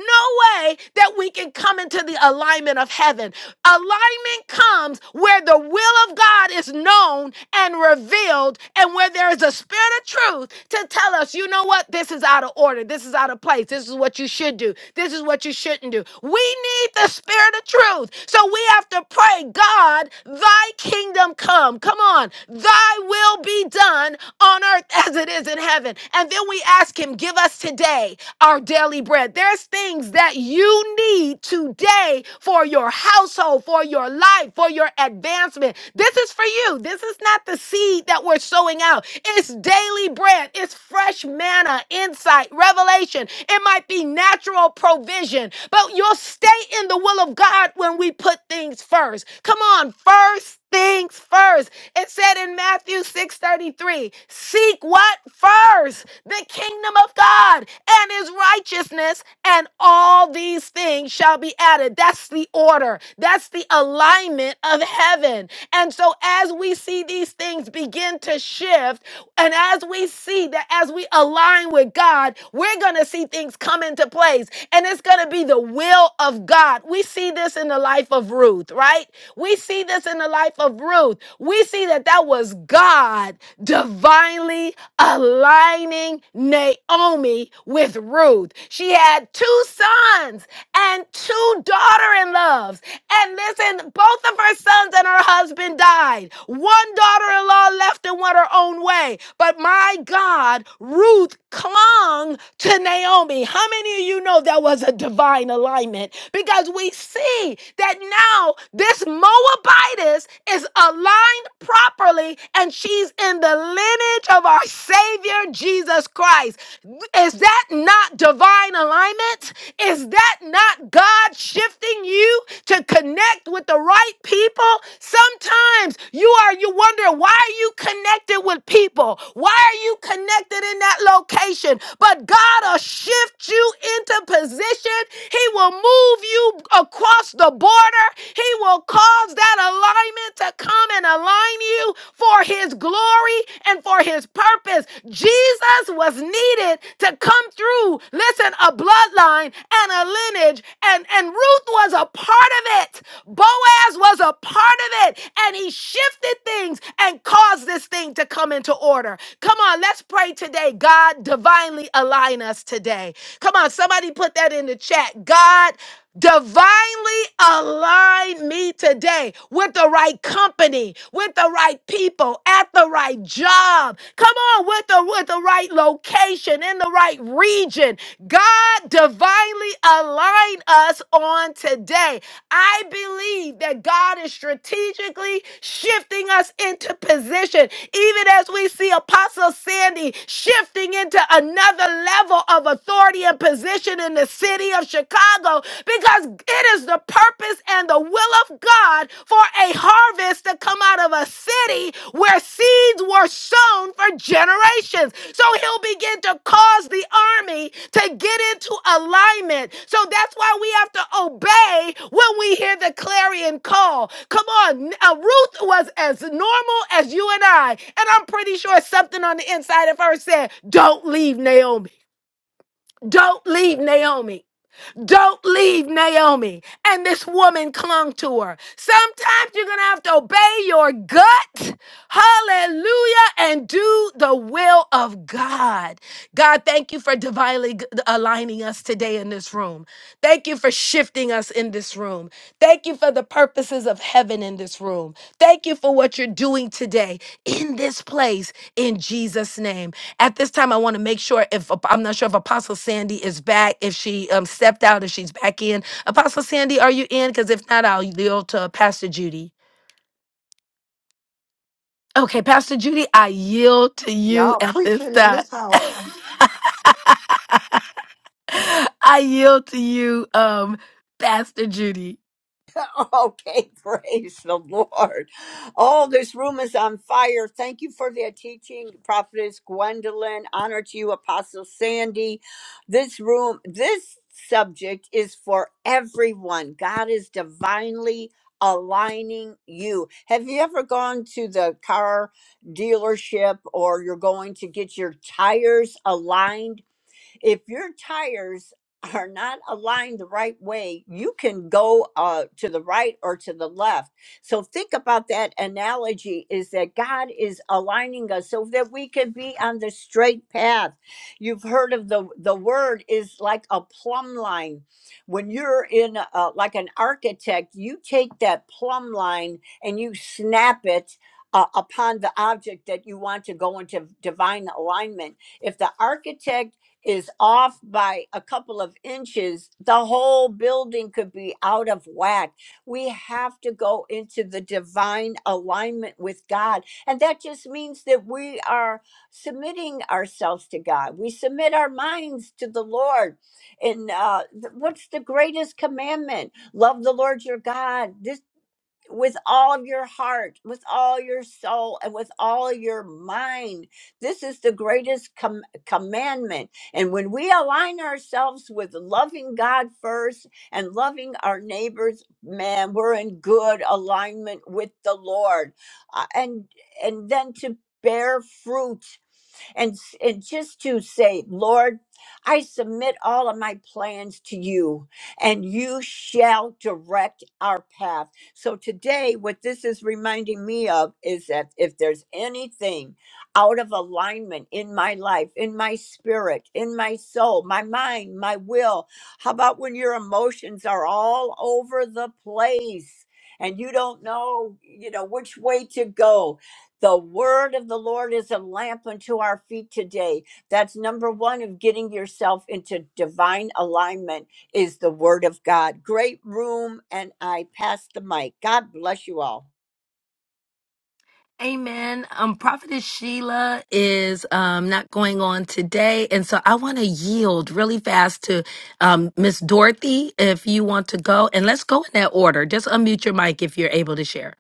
Speaker 3: way that we can come into the alignment of heaven. Alignment comes where the will of God is known and revealed, and where there is a spirit of truth to tell us, you know what, this is out of order, this is out of place, this is what you should do, this is what you shouldn't do. We need the spirit of truth. So we have to pray, God, thy kingdom come. Come on, thy will be be done on earth as it is in heaven. And then we ask Him, Give us today our daily bread. There's things that you need today for your household, for your life, for your advancement. This is for you. This is not the seed that we're sowing out. It's daily bread, it's fresh manna, insight, revelation. It might be natural provision, but you'll stay in the will of God when we put things first. Come on, first things first. It said in Matthew 6:33, seek what first? The kingdom of God and his righteousness, and all these things shall be added. That's the order. That's the alignment of heaven. And so as we see these things begin to shift, and as we see that as we align with God, we're going to see things come into place and it's going to be the will of God. We see this in the life of Ruth, right? We see this in the life of Ruth. We see that that was God divinely aligning Naomi with Ruth. She had two sons and two daughter in laws. And listen, both of her sons and her husband died. One daughter in law left and went her own way. But my God, Ruth clung to Naomi. How many of you know that was a divine alignment? Because we see that now this Moabitess is aligned properly and she's in the lineage of our Savior Jesus Christ. Is that not divine? divine alignment? Is that not God shifting you to connect with the right people? Sometimes you are you wonder why are you connected with people? Why are you connected in that location? But God will shift you into position. He will move you across the border. He will cause that alignment to come and align you for his glory and for his purpose purpose. Jesus was needed to come through, listen, a bloodline and a lineage. And, and Ruth was a part of it. Boaz was a part of it. And he shifted things and caused this thing to come into order. Come on, let's pray today. God divinely align us today. Come on, somebody put that in the chat. God. Divinely align me today with the right company, with the right people, at the right job. Come on, with the with the right location in the right region. God divinely align us on today. I believe that God is strategically shifting us into position, even as we see Apostle Sandy shifting into another level of authority and position in the city of Chicago because it is the purpose and the will of God for a harvest to come out of a city where seeds were sown for generations. So he'll begin to cause the army to get into alignment. So that's why we have to obey when we hear the clarion call. Come on, uh, Ruth was as normal as you and I. And I'm pretty sure something on the inside of her said, Don't leave Naomi. Don't leave Naomi. Don't leave Naomi. And this woman clung to her. Sometimes you're going to have to obey your gut. Hallelujah. And do the will of God. God, thank you for divinely g- aligning us today in this room. Thank you for shifting us in this room. Thank you for the purposes of heaven in this room. Thank you for what you're doing today in this place in Jesus' name. At this time, I want to make sure if I'm not sure if Apostle Sandy is back, if she um, stepped out, if she's back in. Apostle Sandy, are you in? Because if not, I'll yield to Pastor Judy. Okay, Pastor Judy, I yield to you
Speaker 1: Y'all
Speaker 3: at this
Speaker 1: preaching in
Speaker 3: time.
Speaker 1: this house.
Speaker 3: I yield to you, um, Pastor Judy.
Speaker 2: okay, praise the Lord. Oh, this room is on fire. Thank you for that teaching, Prophetess Gwendolyn. Honor to you, Apostle Sandy. This room, this subject is for everyone. God is divinely aligning you. Have you ever gone to the car dealership or you're going to get your tires aligned? if your tires are not aligned the right way, you can go uh, to the right or to the left. So think about that analogy is that God is aligning us so that we can be on the straight path. You've heard of the the word is like a plumb line. When you're in uh like an architect, you take that plumb line and you snap it uh, upon the object that you want to go into divine alignment if the architect is off by a couple of inches, the whole building could be out of whack. We have to go into the divine alignment with God. And that just means that we are submitting ourselves to God. We submit our minds to the Lord. And uh, th- what's the greatest commandment? Love the Lord your God. This with all of your heart, with all your soul, and with all your mind. This is the greatest com- commandment. And when we align ourselves with loving God first and loving our neighbors, man, we're in good alignment with the Lord. Uh, and and then to bear fruit and s- and just to say lord i submit all of my plans to you and you shall direct our path so today what this is reminding me of is that if there's anything out of alignment in my life in my spirit in my soul my mind my will how about when your emotions are all over the place and you don't know you know which way to go the word of the Lord is a lamp unto our feet today. That's number one of getting yourself into divine alignment is the word of God. Great room, and I pass the mic. God bless you all.
Speaker 3: Amen. Um, Prophetess Sheila is um, not going on today, and so I want to yield really fast to um, Miss Dorothy if you want to go, and let's go in that order. Just unmute your mic if you're able to share.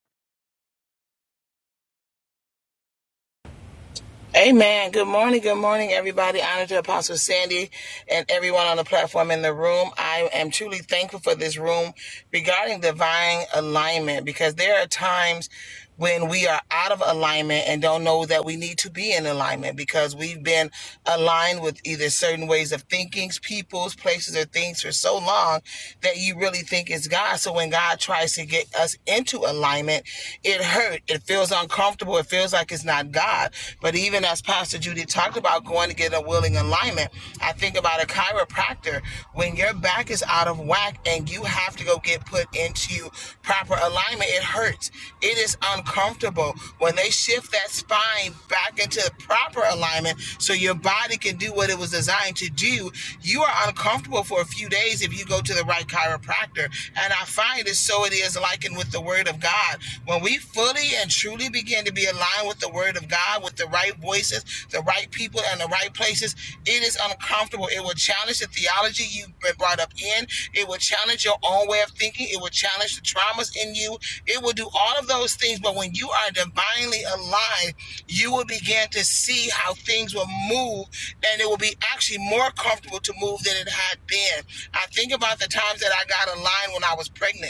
Speaker 9: Amen. Good morning. Good morning, everybody. Honor to Apostle Sandy and everyone on the platform in the room. I am truly thankful for this room regarding divine alignment because there are times when we are out of alignment and don't know that we need to be in alignment because we've been aligned with either certain ways of thinking, peoples, places, or things for so long that you really think it's God. So when God tries to get us into alignment, it hurts. It feels uncomfortable uncomfortable. It feels like it's not God. But even as Pastor Judy talked about going to get a willing alignment, I think about a chiropractor. When your back is out of whack and you have to go get put into proper alignment, it hurts. It is uncomfortable. When they shift that spine back into proper alignment so your body can do what it was designed to do, you are uncomfortable for a few days if you go to the right chiropractor. And I find it so it is likened with the word of God. God. When we fully and truly begin to be aligned with the word of God, with the right voices, the right people, and the right places, it is uncomfortable. It will challenge the theology you've been brought up in. It will challenge your own way of thinking. It will challenge the traumas in you. It will do all of those things. But when you are divinely aligned, you will begin to see how things will move and it will be actually more comfortable to move than it had been. I think about the times that I got aligned when I was pregnant.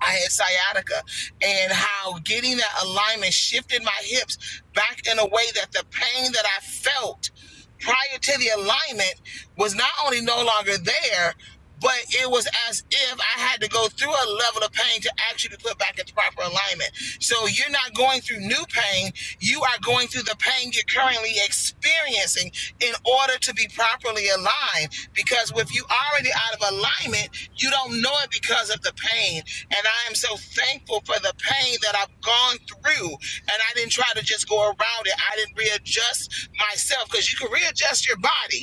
Speaker 9: I had sciatica, and how getting that alignment shifted my hips back in a way that the pain that I felt prior to the alignment was not only no longer there, but it was as if I had to go through a level of pain to actually put back into proper alignment. So you're not going through new pain, you are going through the pain you're currently experiencing in order to be properly aligned. Because if you already out of alignment, you don't know it because of the pain. And I am so thankful for the pain that I've gone through. And I didn't try to just go around it. I didn't readjust myself because you can readjust your body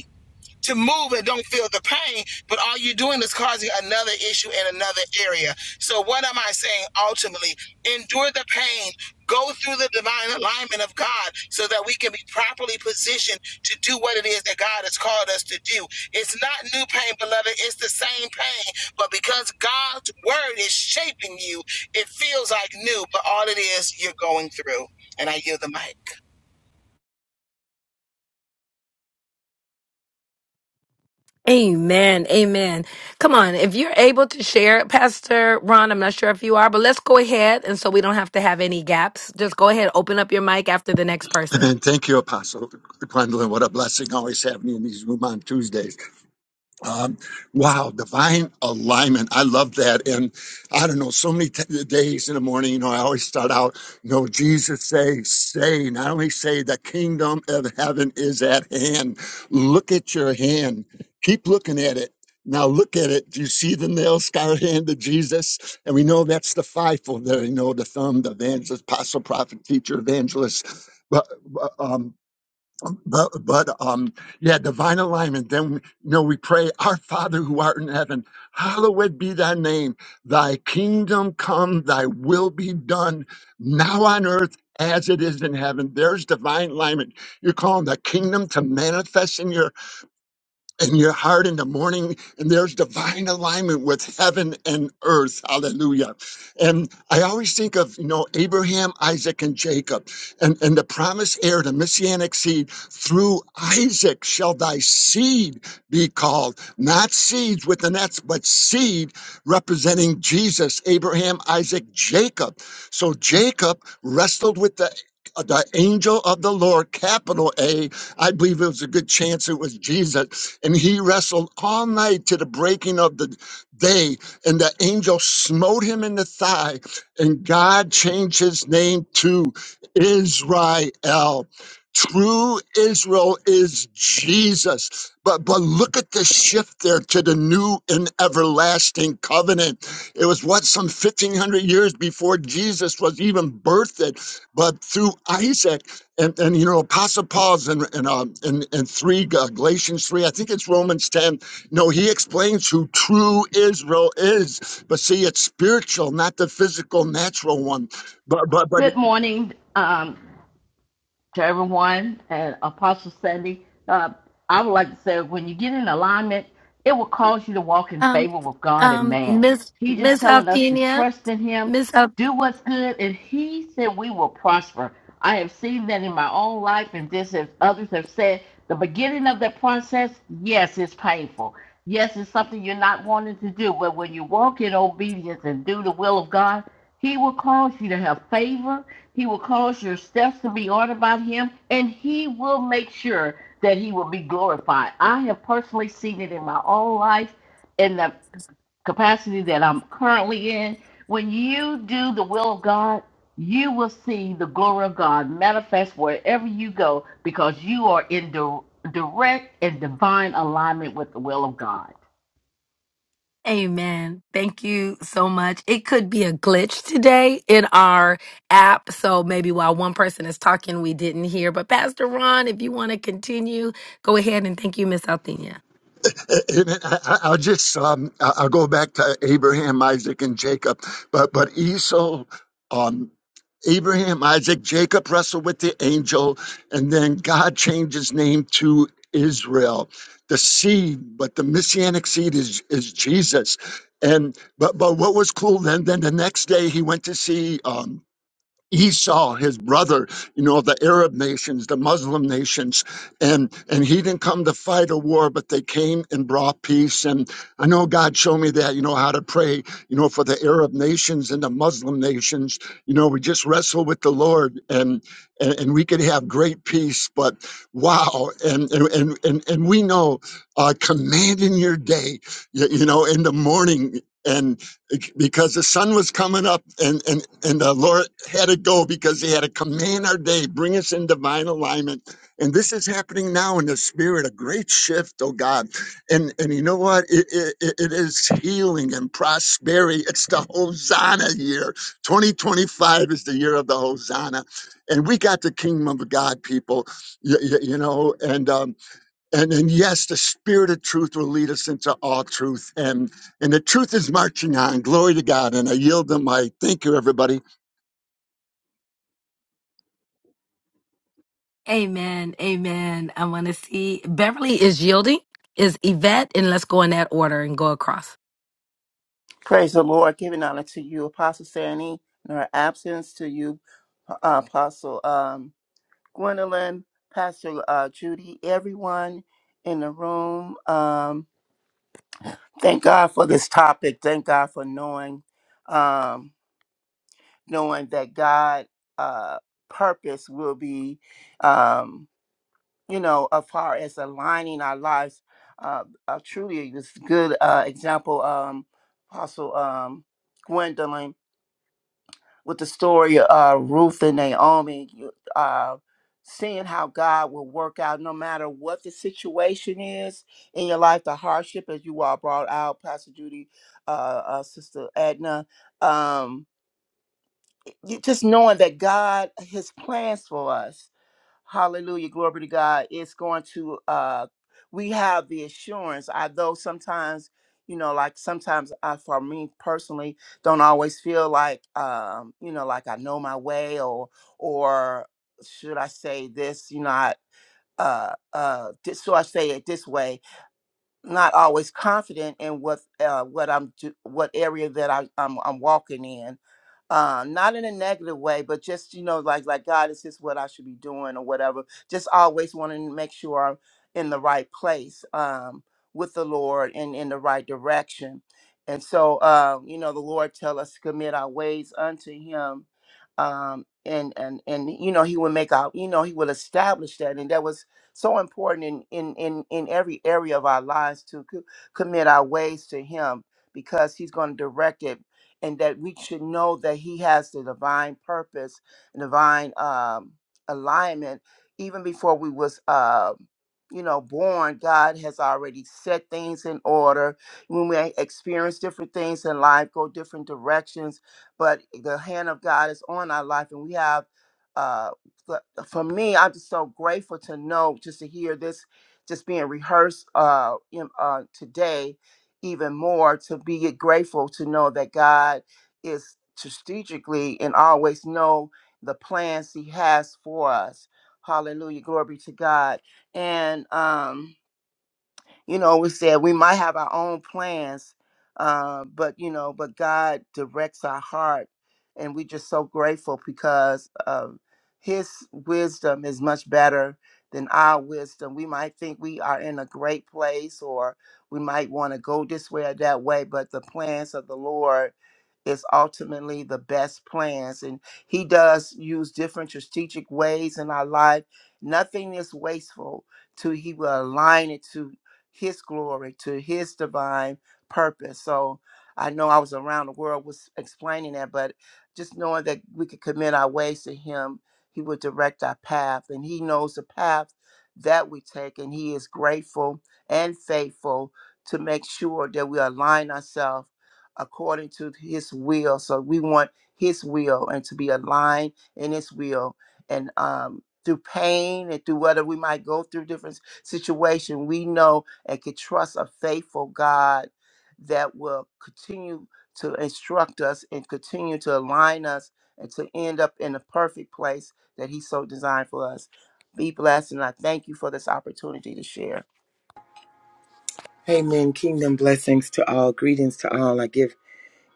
Speaker 9: to move and don't feel the pain, but all you're doing is causing another issue in another area. So, what am I saying ultimately? Endure the pain, go through the divine alignment of God so that we can be properly positioned to do what it is that God has called us to do. It's not new pain, beloved, it's the same pain, but because God's word is shaping you, it feels like new, but all it is, you're going through. And I yield the mic.
Speaker 3: Amen. Amen. Come on, if you're able to share, Pastor Ron, I'm not sure if you are, but let's go ahead, and so we don't have to have any gaps. Just go ahead, open up your mic after the next person.
Speaker 7: And thank you, Apostle Gwendolyn. What a blessing always having you in these room on Tuesdays. Um, wow, divine alignment. I love that. And I don't know, so many t- days in the morning, you know, I always start out, you know, Jesus say, say, not only say, the kingdom of heaven is at hand. Look at your hand. Keep looking at it. Now look at it. Do you see the nail scarred hand of Jesus? And we know that's the fivefold there. You know, the thumb, the evangelist, apostle, prophet, teacher, evangelist. But, but, um, but but um yeah divine alignment then you know we pray our father who art in heaven hallowed be thy name thy kingdom come thy will be done now on earth as it is in heaven there's divine alignment you're calling the kingdom to manifest in your in your heart in the morning, and there's divine alignment with heaven and earth. Hallelujah. And I always think of, you know, Abraham, Isaac, and Jacob, and, and the promised heir, the messianic seed, through Isaac shall thy seed be called. Not seeds with an S, but seed representing Jesus, Abraham, Isaac, Jacob. So Jacob wrestled with the the angel of the Lord, capital A. I believe it was a good chance it was Jesus and he wrestled all night to the breaking of the day. And the angel smote him in the thigh. And God changed his name to Israel. True Israel is Jesus. But but look at the shift there to the new and everlasting covenant. It was what some 1500 years before Jesus was even birthed, but through Isaac and and you know apostle paul's in in um in, in three uh, galatians three i think it's romans 10 no he explains who true israel is but see it's spiritual not the physical natural one but but but
Speaker 8: Good morning. Um, to everyone and Apostle Sandy. Uh, I would like to say when you get in alignment, it will cause you to walk in
Speaker 3: Um,
Speaker 8: favor with God and
Speaker 3: um,
Speaker 8: man.
Speaker 3: Miss
Speaker 8: He just
Speaker 3: Miss
Speaker 8: telling us to
Speaker 3: Althenia,
Speaker 8: trust in Him,
Speaker 3: Miss Al-
Speaker 8: do what's good, and He said we will prosper. I have seen that in my own life, and this, as others have said, the beginning of that process, yes, it's painful. Yes, it's something you're not wanting to do, but when you walk in obedience and do the will of God, He will cause you to have favor he will cause your steps to be ordered by him, and he will make sure that he will be glorified. I have personally seen it in my own life, in the capacity that I'm currently in. When you do the will of God, you will see the glory of God manifest wherever you go because you are in direct and divine alignment with the will of God.
Speaker 3: Amen. Thank you so much. It could be a glitch today in our app. So maybe while one person is talking, we didn't hear. But Pastor Ron, if you want to continue, go ahead and thank you, Miss Althea.
Speaker 7: And I, I- will just um, I- I'll go back to Abraham, Isaac, and Jacob, but but Esau, um, Abraham, Isaac, Jacob wrestled with the angel, and then God changed his name to Israel, the seed. But the messianic seed is is Jesus. And but but what was cool then? Then the next day he went to see. Um, Esau, his brother, you know, the Arab nations, the Muslim nations, and and he didn't come to fight a war, but they came and brought peace. And I know God showed me that, you know, how to pray, you know, for the Arab nations and the Muslim nations. You know, we just wrestle with the Lord, and and, and we could have great peace. But wow, and and and and, and we know, uh, commanding your day, you, you know, in the morning. and because the sun was coming up and and and the lord had to go because he had to command our day bring us in divine alignment and this is happening now in the spirit a great shift oh god and and you know what it, it, it it is healing and prosperity it's the hosanna year 2025 is the year of the hosanna and we got the kingdom of god people you, you know and um and and yes, the spirit of truth will lead us into all truth, and and the truth is marching on. Glory to God, and I yield them. mic. Thank you, everybody.
Speaker 3: Amen. Amen. I want to see Beverly is yielding, is Yvette, and let's go in that order and go across.
Speaker 6: Praise the Lord. Giving honor to you, Apostle Sandy, in her absence to you, uh, Apostle. Um, Gwendolyn, Pastor uh, Judy, everyone in the room. Um, thank God for this topic. Thank God for knowing, um, knowing that God' uh, purpose will be, um, you know, as far as aligning our lives. Uh, uh, truly, this good uh, example, um, Apostle um, Gwendolyn. with the story of uh, Ruth and Naomi, you- uh, seeing how God will work out no matter what the situation is in your life, the hardship, as you all brought out, Pastor Judy, uh, uh, Sister Edna, um, you, just knowing that God, His plans for us. Hallelujah. Glory to God. It's going to uh we have the assurance. I though sometimes, you know, like sometimes I for me personally don't always feel like um, you know, like I know my way or or should I say this, you know, I uh uh this, so I say it this way, not always confident in what uh what I'm do, what area that I, I'm I'm walking in uh, not in a negative way, but just you know, like like God, is this what I should be doing or whatever? Just always wanting to make sure I'm in the right place um, with the Lord and in the right direction. And so, uh, you know, the Lord tell us to commit our ways unto Him, um, and and and you know, He will make our, you know, He will establish that, and that was so important in in in in every area of our lives to co- commit our ways to Him because He's going to direct it and that we should know that he has the divine purpose divine um, alignment even before we was uh, you know born god has already set things in order when we experience different things in life go different directions but the hand of god is on our life and we have uh, the- for me i'm just so grateful to know just to hear this just being rehearsed uh, in, uh, today even more to be grateful to know that God is strategically and always know the plans he has for us. Hallelujah. Glory be to God. And um you know, we said we might have our own plans, uh, but you know, but God directs our heart, and we're just so grateful because um, His wisdom is much better than our wisdom. We might think we are in a great place, or we might want to go this way or that way, but the plans of the Lord is ultimately the best plans and he does use different strategic ways in our life nothing is wasteful till he will align it to his glory, to his divine purpose. So I know I was around the world was explaining that, but just knowing that we could commit our ways to him, he would direct our path and he knows the path that we take and he is grateful and faithful to make sure that we align ourselves according to his will. So we want his will and to be aligned in his will. And um, through pain and through whatever we might go through different situation, we know and can trust a faithful God that will continue to instruct us and continue to align us and to end up in the perfect place that He so designed for us. Be blessed, and I thank you for this opportunity to share.
Speaker 10: Amen. Kingdom blessings to all. Greetings to all. I give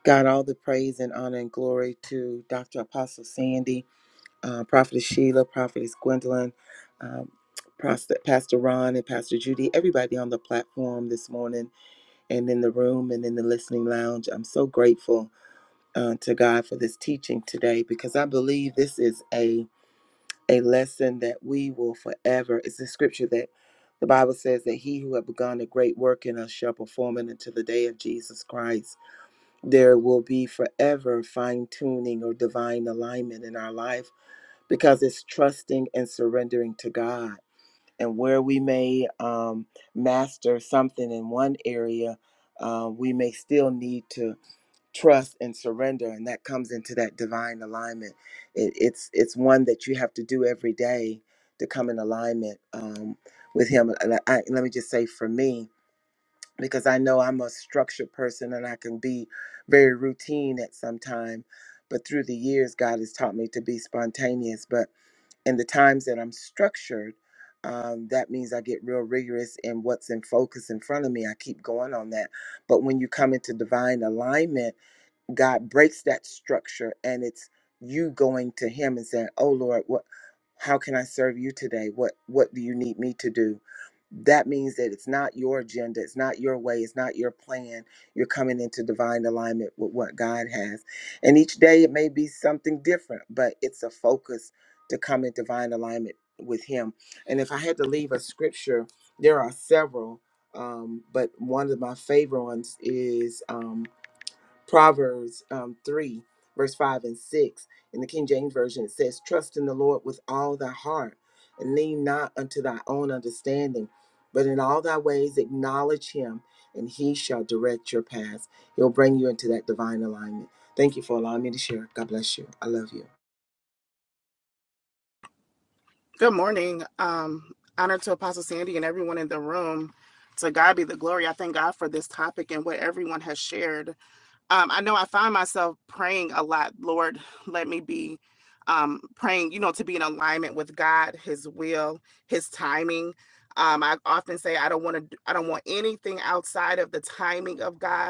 Speaker 10: God all the praise and honor and glory to Dr. Apostle Sandy, uh, Prophetess Sheila, Prophetess Gwendolyn, um, Pastor Pastor Ron, and Pastor Judy, everybody on the platform this morning and in the room and in the listening lounge. I'm so grateful uh, to God for this teaching today because I believe this is a a lesson that we will forever. It's a scripture that the Bible says that he who have begun a great work in us shall perform it until the day of Jesus Christ. There will be forever fine tuning or divine alignment in our life because it's trusting and surrendering to God. And where we may um, master something in one area, uh, we may still need to trust and surrender and that comes into that divine alignment it, it's it's one that you have to do every day to come in alignment um, with him and I, I- let me just say for me because i know i'm a structured person and i can be very routine at some time but through the years god has taught me to be spontaneous but in the times that i'm structured um, that means i get real rigorous in what's in focus in front of me i keep going on that but when you come into divine alignment God breaks that structure and it's you going to him and saying, "Oh Lord, what how can I serve you today? What what do you need me to do?" That means that it's not your agenda, it's not your way, it's not your plan. You're coming into divine alignment with what God has. And each day it may be something different, but it's a focus to come in divine alignment with him. And if I had to leave a scripture, there are several um, but one of my favorite ones is um, Proverbs um, 3, verse 5 and 6. In the King James Version, it says, Trust in the Lord with all thy heart and lean not unto thy own understanding, but in all thy ways acknowledge him, and he shall direct your paths. He'll bring you into that divine alignment. Thank you for allowing me to share. God bless you. I love you.
Speaker 4: Good morning. Um, honor to Apostle Sandy and everyone in the room. To God be the glory. I thank God for this topic and what everyone has shared. Um, I know I find myself praying a lot. Lord, let me be um, praying, you know, to be in alignment with God, His will, His timing. Um, I often say I don't want to. I don't want anything outside of the timing of God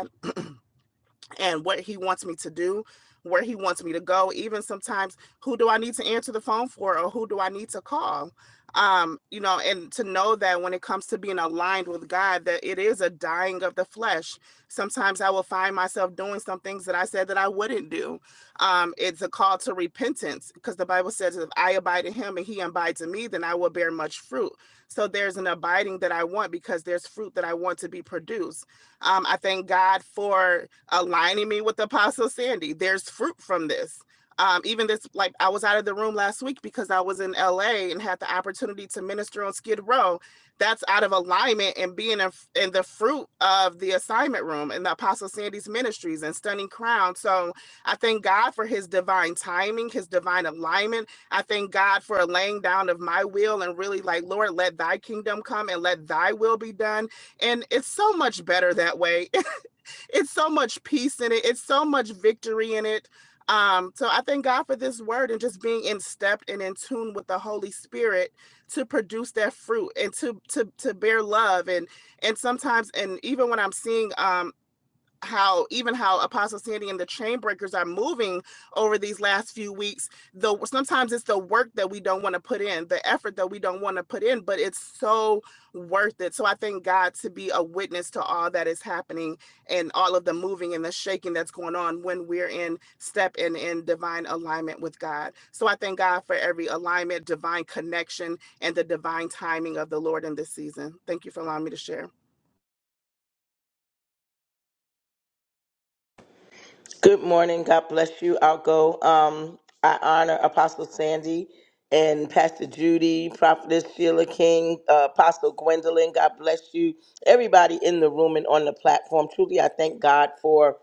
Speaker 4: and what he wants me to do, where he wants me to go, even sometimes who do I need to answer the phone for or who do I need to call? Um, you know, and to know that when it comes to being aligned with God, that it is a dying of the flesh. Sometimes I will find myself doing some things that I said that I wouldn't do. Um, it's a call to repentance because the Bible says, if I abide in him and he abides in me, then I will bear much fruit. So there's an abiding that I want because there's fruit that I want to be produced. Um, I thank God for aligning me with Apostle Sandy. There's fruit from this. Um, even this, like I was out of the room last week because I was in LA and had the opportunity to minister on Skid Row. That's out of alignment and being in, in the fruit of the assignment room and the Apostle Sandy's ministries and Stunning Crown. So I thank God for his divine timing, his divine alignment. I thank God for a laying down of my will and really like, Lord, let thy kingdom come and let thy will be done. And it's so much better that way. it's so much peace in it. It's so much victory in it. Um, so I thank God for this word and just being in step and in tune with the Holy Spirit to produce that fruit and to to to bear love and and sometimes and even when I'm seeing um how even how Apostle Sandy and the chain breakers are moving over these last few weeks, though sometimes it's the work that we don't want to put in, the effort that we don't want to put in, but it's so worth it. So I thank God to be a witness to all that is happening and all of the moving and the shaking that's going on when we're in step and in divine alignment with God. So I thank God for every alignment, divine connection, and the divine timing of the Lord in this season. Thank you for allowing me to share.
Speaker 5: Good morning. God bless you. I'll go. Um, I honor Apostle Sandy and Pastor Judy, Prophetess Sheila King, uh, Apostle Gwendolyn. God bless you. Everybody in the room and on the platform. Truly, I thank God for.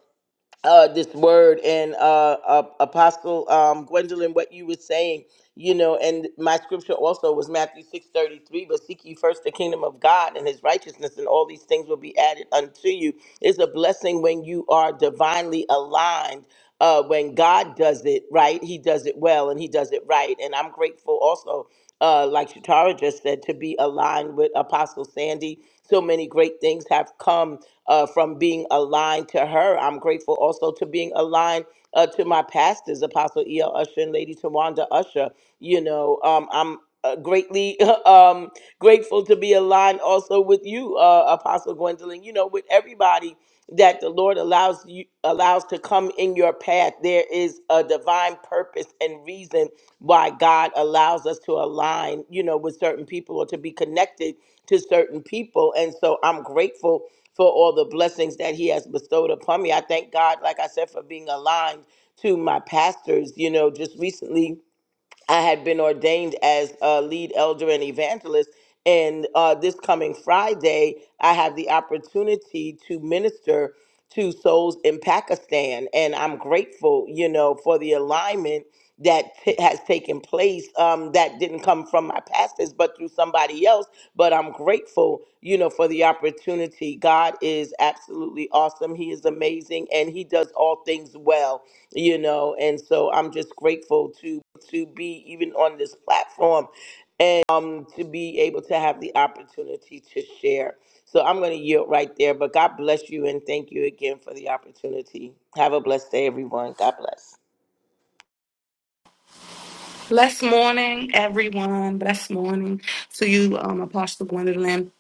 Speaker 5: uh, this word and uh, uh, Apostle um, Gwendolyn, what you were saying, you know, and my scripture also was Matthew six thirty three. But seek ye first the kingdom of God and His righteousness, and all these things will be added unto you. It's a blessing when you are divinely aligned. Uh, when God does it right, He does it well, and He does it right. And I'm grateful also, uh, like Shatara just said, to be aligned with Apostle Sandy. So many great things have come uh, from being aligned to her. I'm grateful also to being aligned uh, to my pastors, Apostle E.L. Usher and Lady Tawanda Usher. You know, um, I'm uh, greatly um, grateful to be aligned also with you, uh, Apostle Gwendolyn, you know, with everybody that the Lord allows you allows to come in your path. There is a divine purpose and reason why God allows us to align, you know, with certain people or to be connected to certain people. And so I'm grateful for all the blessings that he has bestowed upon me. I thank God, like I said, for being aligned to my pastors, you know, just recently I had been ordained as a lead elder and evangelist. And uh, this coming Friday, I have the opportunity to minister to souls in Pakistan. And I'm grateful, you know, for the alignment that t- has taken place um, that didn't come from my pastors, but through somebody else. But I'm grateful, you know, for the opportunity opportunity. God is absolutely awesome. He is amazing and he does all things well, you know. And so I'm just grateful to to be even on this platform and um to be able to have the opportunity to share. So I'm going to yield right there, but God bless you and thank you again for the opportunity. Have a blessed day everyone. God bless.
Speaker 11: Blessed morning, everyone. Blessed morning to you, um, Apostle Gwendolyn,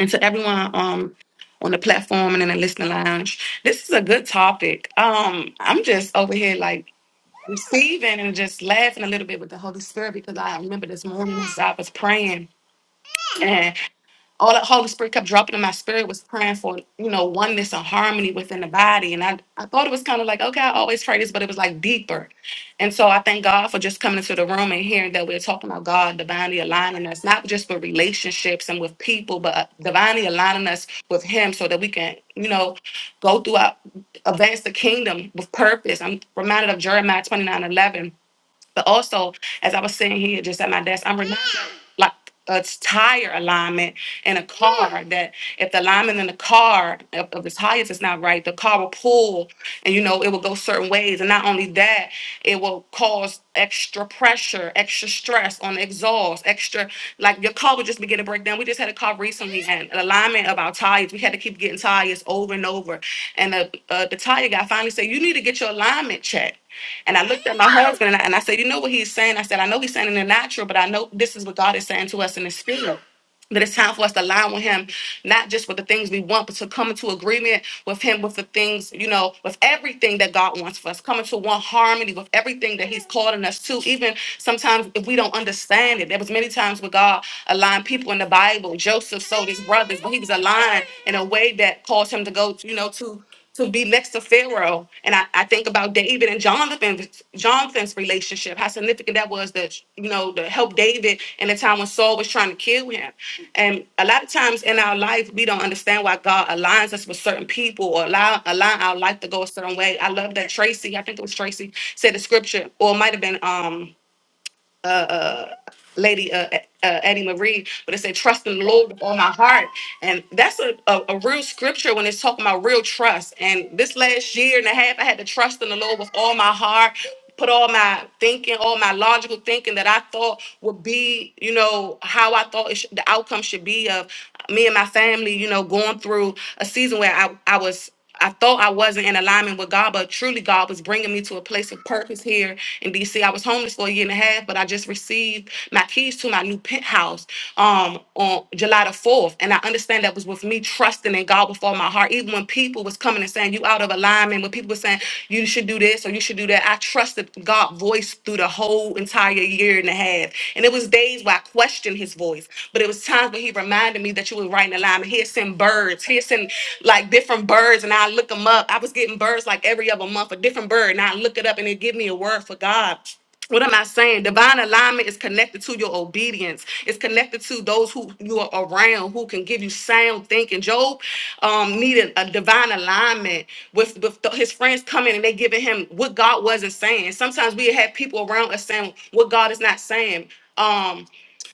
Speaker 11: and to everyone um, on the platform and in the listening lounge. This is a good topic. Um, I'm just over here like receiving and just laughing a little bit with the Holy Spirit because I remember this morning as I was praying all that Holy Spirit kept dropping in my spirit was praying for, you know, oneness and harmony within the body. And I, I thought it was kind of like, okay, I always pray this, but it was like deeper. And so I thank God for just coming into the room and hearing that we're talking about God divinely aligning us, not just with relationships and with people, but uh, divinely aligning us with Him so that we can, you know, go throughout, advance the kingdom with purpose. I'm reminded of Jeremiah twenty nine eleven. But also, as I was sitting here just at my desk, I'm reminded like a tire alignment in a car that if the alignment in the car of, of the tires is not right, the car will pull and you know it will go certain ways. And not only that, it will cause extra pressure, extra stress on the exhaust, extra like your car would just begin to break down. We just had a car recently and the alignment of our tires. We had to keep getting tires over and over. And the uh, the tire guy finally said, You need to get your alignment checked and I looked at my husband and I, and I said, You know what he's saying? I said, I know he's saying in the natural, but I know this is what God is saying to us in the spirit. That it's time for us to align with Him, not just with the things we want, but to come into agreement with Him, with the things, you know, with everything that God wants for us, coming to one harmony with everything that He's calling us to. Even sometimes if we don't understand it, there was many times where God aligned people in the Bible. Joseph sold his brothers, but he was aligned in a way that caused him to go, you know, to to be next to Pharaoh. And I, I think about David and Jonathan, Jonathan's relationship, how significant that was that, you know, to help David in the time when Saul was trying to kill him. And a lot of times in our life, we don't understand why God aligns us with certain people or allow align our life to go a certain way. I love that Tracy, I think it was Tracy, said the scripture, or it might have been um Lady uh, uh, Eddie Marie, but it said, Trust in the Lord with all my heart. And that's a, a, a real scripture when it's talking about real trust. And this last year and a half, I had to trust in the Lord with all my heart, put all my thinking, all my logical thinking that I thought would be, you know, how I thought it should, the outcome should be of me and my family, you know, going through a season where I, I was. I thought I wasn't in alignment with God, but truly God was bringing me to a place of purpose here in DC. I was homeless for a year and a half, but I just received my keys to my new penthouse um, on July the 4th. And I understand that was with me trusting in God before my heart. Even when people was coming and saying, you out of alignment, when people were saying, you should do this or you should do that, I trusted God's voice through the whole entire year and a half. And it was days where I questioned his voice, but it was times where he reminded me that you were right right in alignment. He'll send birds. He'll send like different birds, and I look them up. I was getting birds like every other month, a different bird, and I look it up, and it give me a word for God. What am I saying? Divine alignment is connected to your obedience. It's connected to those who you are around, who can give you sound thinking. Job um, needed a divine alignment with, with the- his friends coming and they giving him what God wasn't saying. Sometimes we have people around us saying what God is not saying. Um,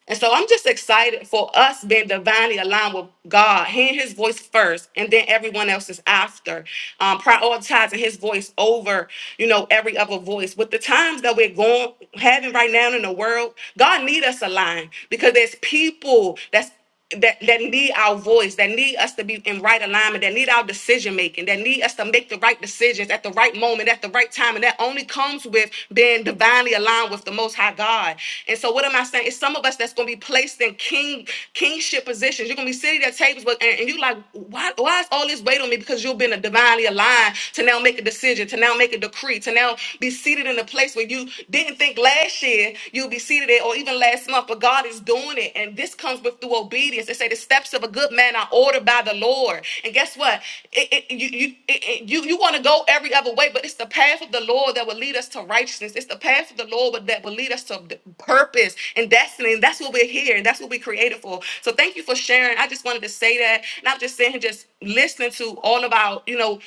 Speaker 11: and so I'm just excited for us being divinely aligned with God, hearing His voice first, and then everyone else is after, um, prioritizing His voice over, you know, every other voice. With the times that we're going having right now in the world, God need us aligned because there's people that's that, that need our voice, that need us to be in right alignment, that need our decision making, that need us to make the right decisions at the right moment, at the right time. And that only comes with being divinely aligned with the most high God. And so what am I saying? It's some of us that's gonna be placed in king kingship positions. You're gonna be sitting at tables with, and, and you like, why why is all this weight on me? Because you've been divinely aligned to now make a decision, to now make a decree, to now be seated in a place where you didn't didn't think last year you'd be seated there or even last month, but God is doing it. And this comes with through obedience. They say the steps of a good man are ordered by the Lord. And guess what? It, it, you you, it, it- you, you want to go every other way, but it's the path of the Lord that will lead us to righteousness. It's the path of the Lord that will lead us to d- purpose and destiny. And that's what we're here and that's what we created for. So thank you for sharing. I just wanted to say that. And I'm just sitting here just listening to all of our, you know,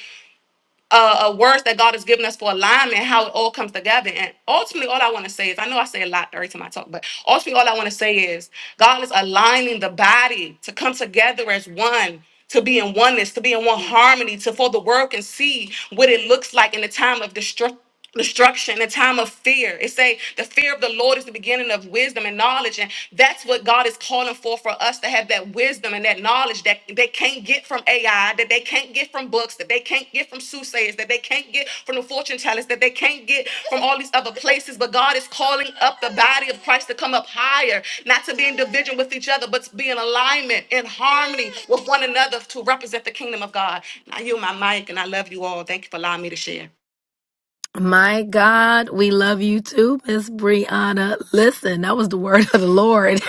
Speaker 11: uh, uh, words that God has given us for alignment, how it all comes together. And ultimately, all I want to say is I know I say a lot every time I talk, but ultimately, all I want to say is God is aligning the body to come together as one. To be in oneness, to be in one harmony, to for the world can see what it looks like in the time of destruction destruction, a time of fear. It say the fear of the Lord is the beginning of wisdom and knowledge, and that's what God is calling for for us to have that wisdom and that knowledge that they can't get from AI, that they can't get from books, that they can't get from soothsayers, that they can't get from the fortune tellers, that they can't get from all these other places. But God is calling up the body of Christ to come up higher, not to be in division with each other, but to be in alignment, in harmony with one another to represent the kingdom of God. Now you my mic, and I love you all. Thank you for allowing me to share.
Speaker 3: My God, we love you too, Miss Brianna. Listen, that was the word of the Lord.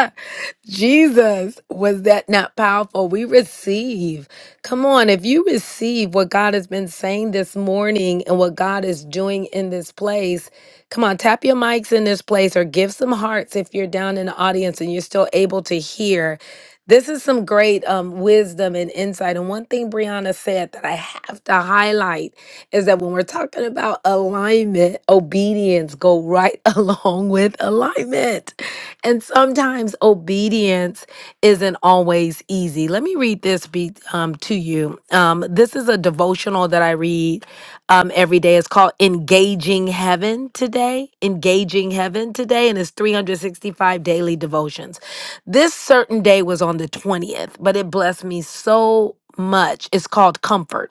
Speaker 3: Jesus, was that not powerful? We receive. Come on, if you receive what God has been saying this morning and what God is doing in this place, come on, tap your mics in this place or give some hearts if you're down in the audience and you're still able to hear. This is some great um, wisdom and insight. And one thing Brianna said that I have to highlight is that when we're talking about alignment, obedience go right along with alignment. And sometimes obedience isn't always easy. Let me read this be, um, to you. Um, this is a devotional that I read um, every day. It's called Engaging Heaven Today, Engaging Heaven Today, and it's 365 daily devotions. This certain day was on the 20th, but it blessed me so much. It's called Comfort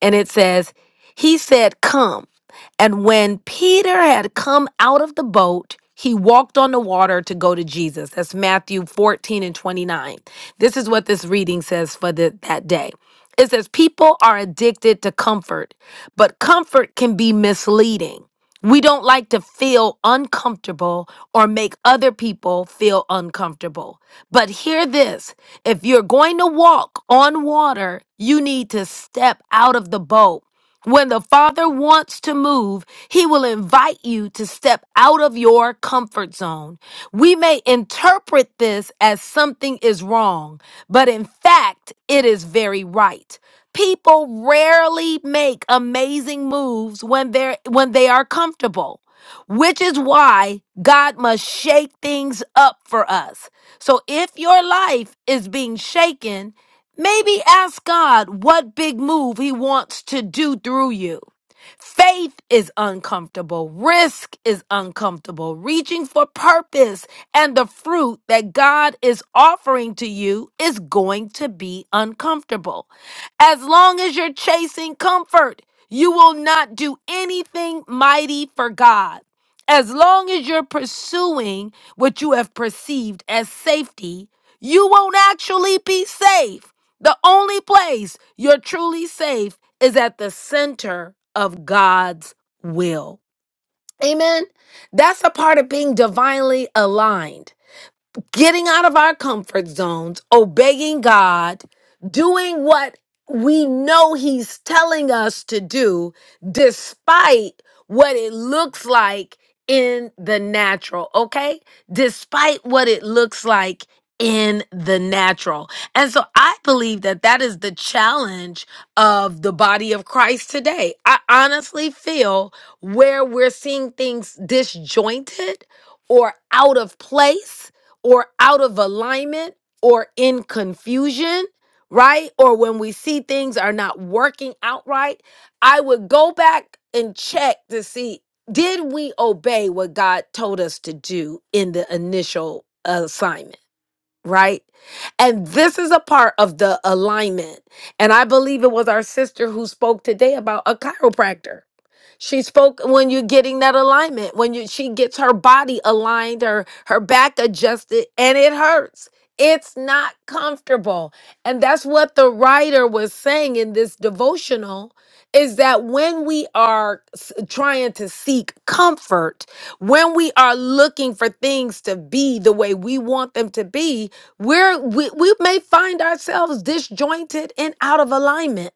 Speaker 3: and it says, He said, Come. And when Peter had come out of the boat, he walked on the water to go to Jesus. That's Matthew 14 and 29. This is what this reading says for the, that day. It says, People are addicted to comfort, but comfort can be misleading. We don't like to feel uncomfortable or make other people feel uncomfortable. But hear this if you're going to walk on water, you need to step out of the boat. When the Father wants to move, He will invite you to step out of your comfort zone. We may interpret this as something is wrong, but in fact, it is very right. People rarely make amazing moves when they're when they are comfortable, which is why God must shake things up for us. So if your life is being shaken, maybe ask God what big move he wants to do through you. Faith is uncomfortable. Risk is uncomfortable. Reaching for purpose and the fruit that God is offering to you is going to be uncomfortable. As long as you're chasing comfort, you will not do anything mighty for God. As long as you're pursuing what you have perceived as safety, you won't actually be safe. The only place you're truly safe is at the center of God's will. Amen. That's a part of being divinely aligned getting out of our comfort zones, obeying God, doing what we know He's telling us to do, despite what it looks like in the natural, okay? Despite what it looks like in the natural. And so I believe that that is the challenge of the body of Christ today. I honestly feel where we're seeing things disjointed or out of place or out of alignment or in confusion, right? Or when we see things are not working out right, I would go back and check to see did we obey what God told us to do in the initial assignment, right? And this is a part of the alignment. And I believe it was our sister who spoke today about a chiropractor she spoke when you're getting that alignment, when you she gets her body aligned, her her back adjusted, and it hurts. It's not comfortable. And that's what the writer was saying in this devotional is that when we are s- trying to seek comfort, when we are looking for things to be the way we want them to be, we're, we, we may find ourselves disjointed and out of alignment.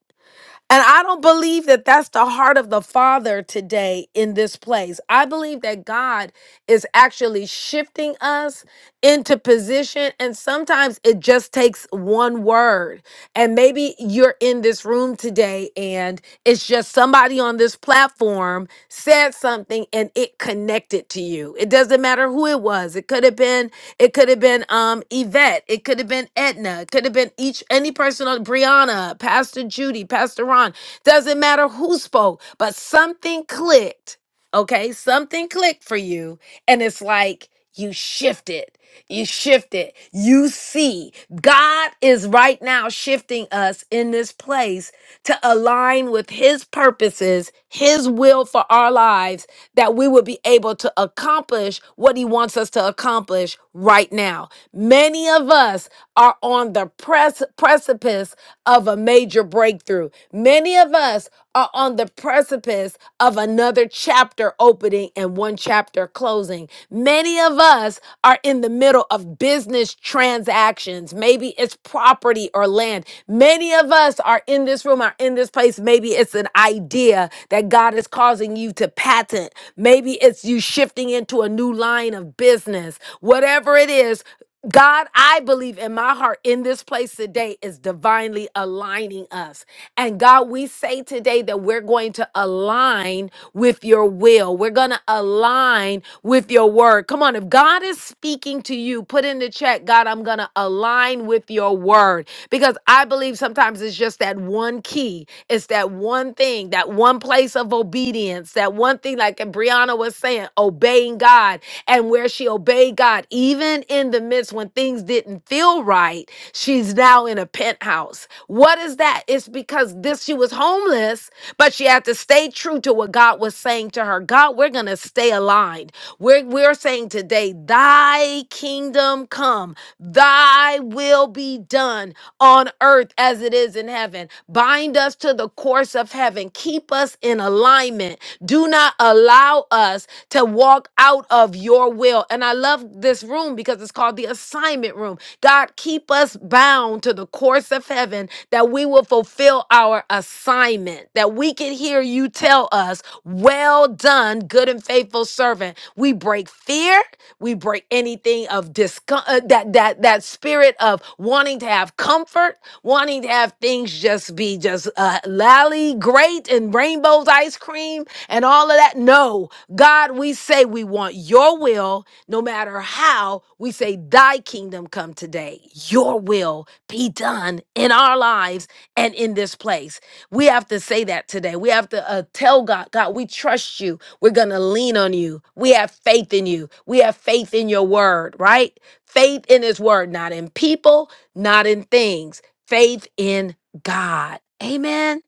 Speaker 3: And I don't believe that that's the heart of the Father today in this place. I believe that God is actually shifting us into position. And sometimes it just takes one word. And maybe you're in this room today and it's just somebody on this platform said something and it connected to you. It doesn't matter who it was. It could have been, it could have been um Yvette, it could have been Edna, it could have been each any person on Brianna, Pastor Judy, Pastor Ron. Doesn't matter who spoke, but something clicked okay something clicked for you and it's like you shift it you shift it you see god is right now shifting us in this place to align with his purposes his will for our lives that we will be able to accomplish what he wants us to accomplish right now many of us are on the press precipice precipice of a major breakthrough. Many of us are on the precipice of another chapter opening and one chapter closing. Many of us are in the middle of business transactions. Maybe it's property or land. Many of us are in this room, are in this place. Maybe it's an idea that God is causing you to patent. Maybe it's you shifting into a new line of business. Whatever it is, God, I believe in my heart in this place today is divinely aligning us. And God, we say today that we're going to align with your will. We're going to align with your word. Come on, if God is speaking to you, put in the chat, God, I'm going to align with your word. Because I believe sometimes it's just that one key, it's that one thing, that one one place of obedience, that one thing, like Brianna was saying, obeying God, and where she obeyed God, even in the midst when things didn't feel right, she's now in a penthouse. What is that? It's because this, she was homeless, but she had to stay true to what God was saying to her. God, we're going to stay aligned. We're, we're saying today, thy kingdom come. Thy will be done on earth as it is in heaven. Bind us to the course of heaven. Keep us in alignment. Do not allow us to walk out of your will. And I love this room because it's called the assignment room. God, keep us bound to the course of heaven that we will fulfill our assignment, that we can hear you tell us, Well done, good and faithful servant. We break fear. We break anything of discom- uh, that that that spirit of wanting to have comfort, wanting to have things just be just uh, lally great and rainbows ice cream and all of that. No, God, we say we want Your will, no matter how. We say Thy kingdom come today. Your will be done in our lives and in this place. We have to say that today. We have to uh, tell God, God, we trust You. We're going to lean on you. We have faith in you. We have faith in your word, right? Faith in his word, not in people, not in things. Faith in God. Amen.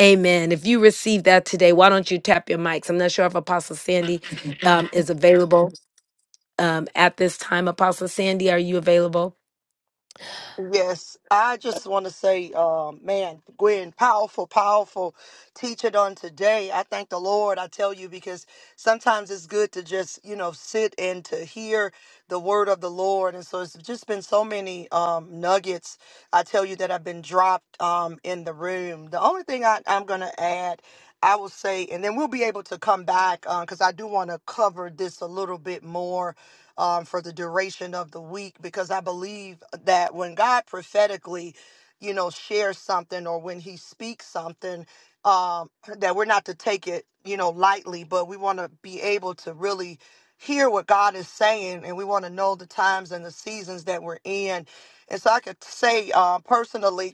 Speaker 3: Amen. If you received that today, why don't you tap your mics? I'm not sure if Apostle Sandy um, is available um, at this time. Apostle Sandy, are you available?
Speaker 1: Yes, I just want to say, uh, man, Gwen, powerful, powerful teaching on today. I thank the Lord, I tell you, because sometimes it's good to just, you know, sit and to hear the word of the Lord. And so it's just been so many um, nuggets, I tell you, that have been dropped um, in the room. The only thing I, I'm going to add, I will say, and then we'll be able to come back because I do want to cover this a little bit more um, for the duration of the week because I believe that when God prophetically, you know, shares something or when He speaks something, um, that we're not to take it, you know, lightly, but we want to be able to really hear what God is saying and we want to know the times and the seasons that we're in. And so I could say uh, personally,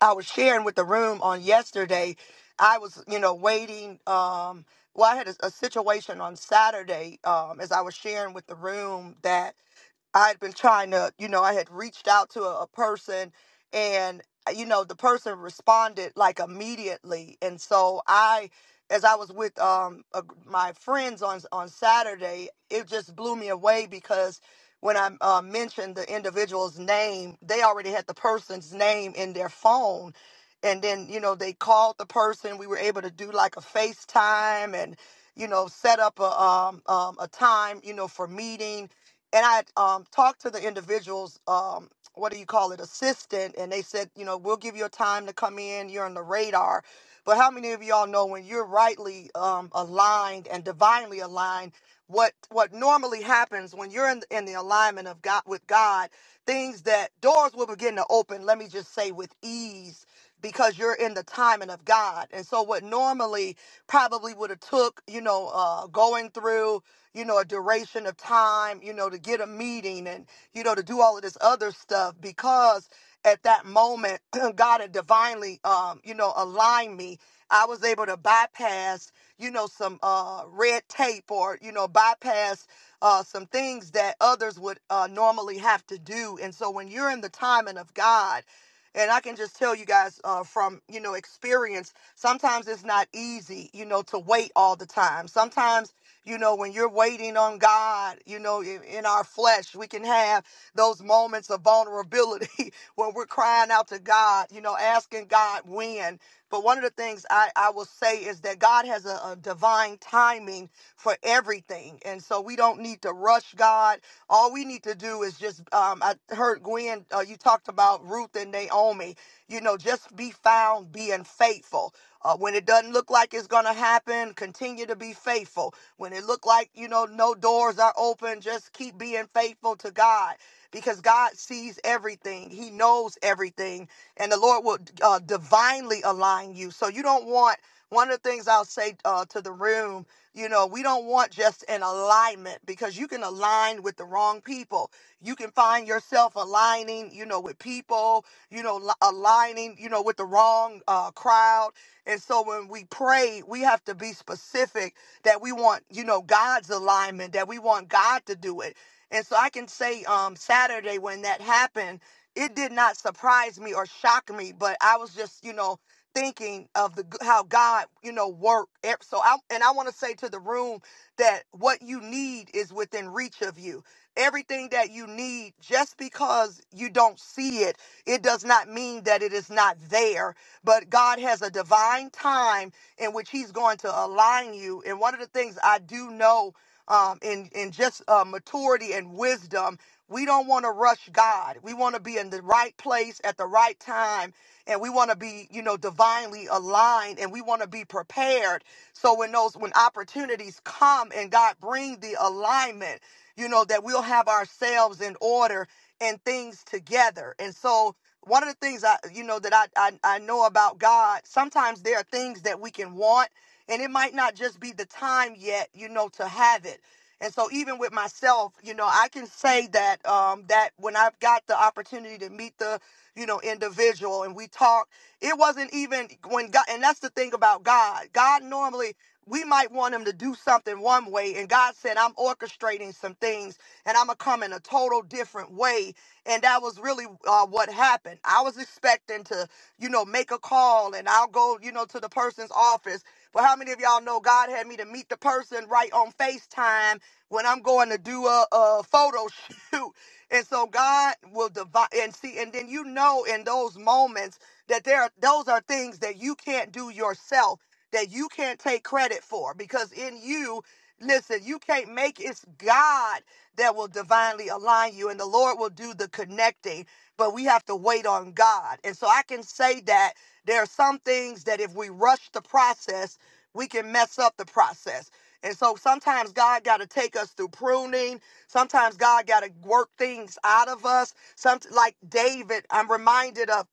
Speaker 1: I was sharing with the room on yesterday. I was, you know, waiting. Um, well, I had a, a situation on Saturday um, as I was sharing with the room that I had been trying to, you know, I had reached out to a, a person and, uh, you know, the person responded like immediately. And so I, as I was with um a my friends on on Saturday, it just blew me away because when I uh, mentioned the individual's name, they already had the person's name in their phone. And then, you know, they called the person. We were able to do like a FaceTime and, you know, set up a um, um a time, you know, for meeting and I um, talked to the individual's um, what do you call it assistant, and they said, you know, we'll give you a time to come in. You're on the radar. But how many of y'all know when you're rightly um, aligned and divinely aligned? What what normally happens when you're in, in the alignment of God with God? things that doors will begin to open, let me just say with ease because you're in the timing of God. And so what normally probably would have took, you know, uh going through, you know, a duration of time, you know, to get a meeting and you know to do all of this other stuff because at that moment, God had divinely, um, you know, aligned me. I was able to bypass, you know, some uh, red tape or, you know, bypass uh, some things that others would uh, normally have to do. And so when you're in the timing of God, and I can just tell you guys uh, from, you know, experience, sometimes it's not easy, you know, to wait all the time. Sometimes you know, when you're waiting on God, you know, in, in our flesh, we can have those moments of vulnerability when we're crying out to God, you know, asking God when. But one of the things I, I will say is that God has a, a divine timing for everything. And so we don't need to rush God. All we need to do is just, um, I heard Gwen, uh, you talked about Ruth and Naomi. You know, just be found being faithful. Uh, when it doesn't look like it's going to happen, continue to be faithful. When it look like, you know, no doors are open, just keep being faithful to God because God sees everything, He knows everything, and the Lord will uh, divinely align you. So you don't want one of the things I'll say uh, to the room, you know, we don't want just an alignment because you can align with the wrong people. You can find yourself aligning, you know, with people, you know, li- aligning, you know, with the wrong uh, crowd. And so when we pray, we have to be specific that we want, you know, God's alignment, that we want God to do it and so I can say um Saturday when that happened, it did not surprise me or shock me, but I was just, you know, thinking of the how God, you know, worked. E- So I and I want to say to the room that what you need is within reach of you. Everything that you need just because you don't see it, it does not mean that it is not there, but God has a divine time in which he's going to align you. And one of the things I do know um, in in just uh, maturity and wisdom. We don't want to rush God. We want to be in the right place at the right time, and we want to be, you know, divinely aligned, and we want to be prepared. So when those when opportunities come and God bring the alignment, you know, that we'll have ourselves in order and things together. And so one of the things I, you know, that I I, I know about God, sometimes there are things that we can want and it might not just be the time yet you know to have it and so even with myself you know i can say that um that when i've got the opportunity to meet the you know individual and we talk it wasn't even when god and that's the thing about god god normally we might want him to do something one way and god said i'm orchestrating some things and i'm gonna come in a total different way and that was really uh, what happened i was expecting to you know make a call and i'll go you know to the person's office but how many of y'all know God had me to meet the person right on FaceTime when I'm going to do a, a photo shoot? And so God will divide and see, and then you know in those moments that there are, those are things that you can't do yourself, that you can't take credit for, because in you, listen, you can't make it. it's God that will divinely align you, and the Lord will do the connecting. But we have to wait on God, and so I can say that there are some things that if we rush the process we can mess up the process. And so sometimes God got to take us through pruning. Sometimes God got to work things out of us. Some like David, I'm reminded of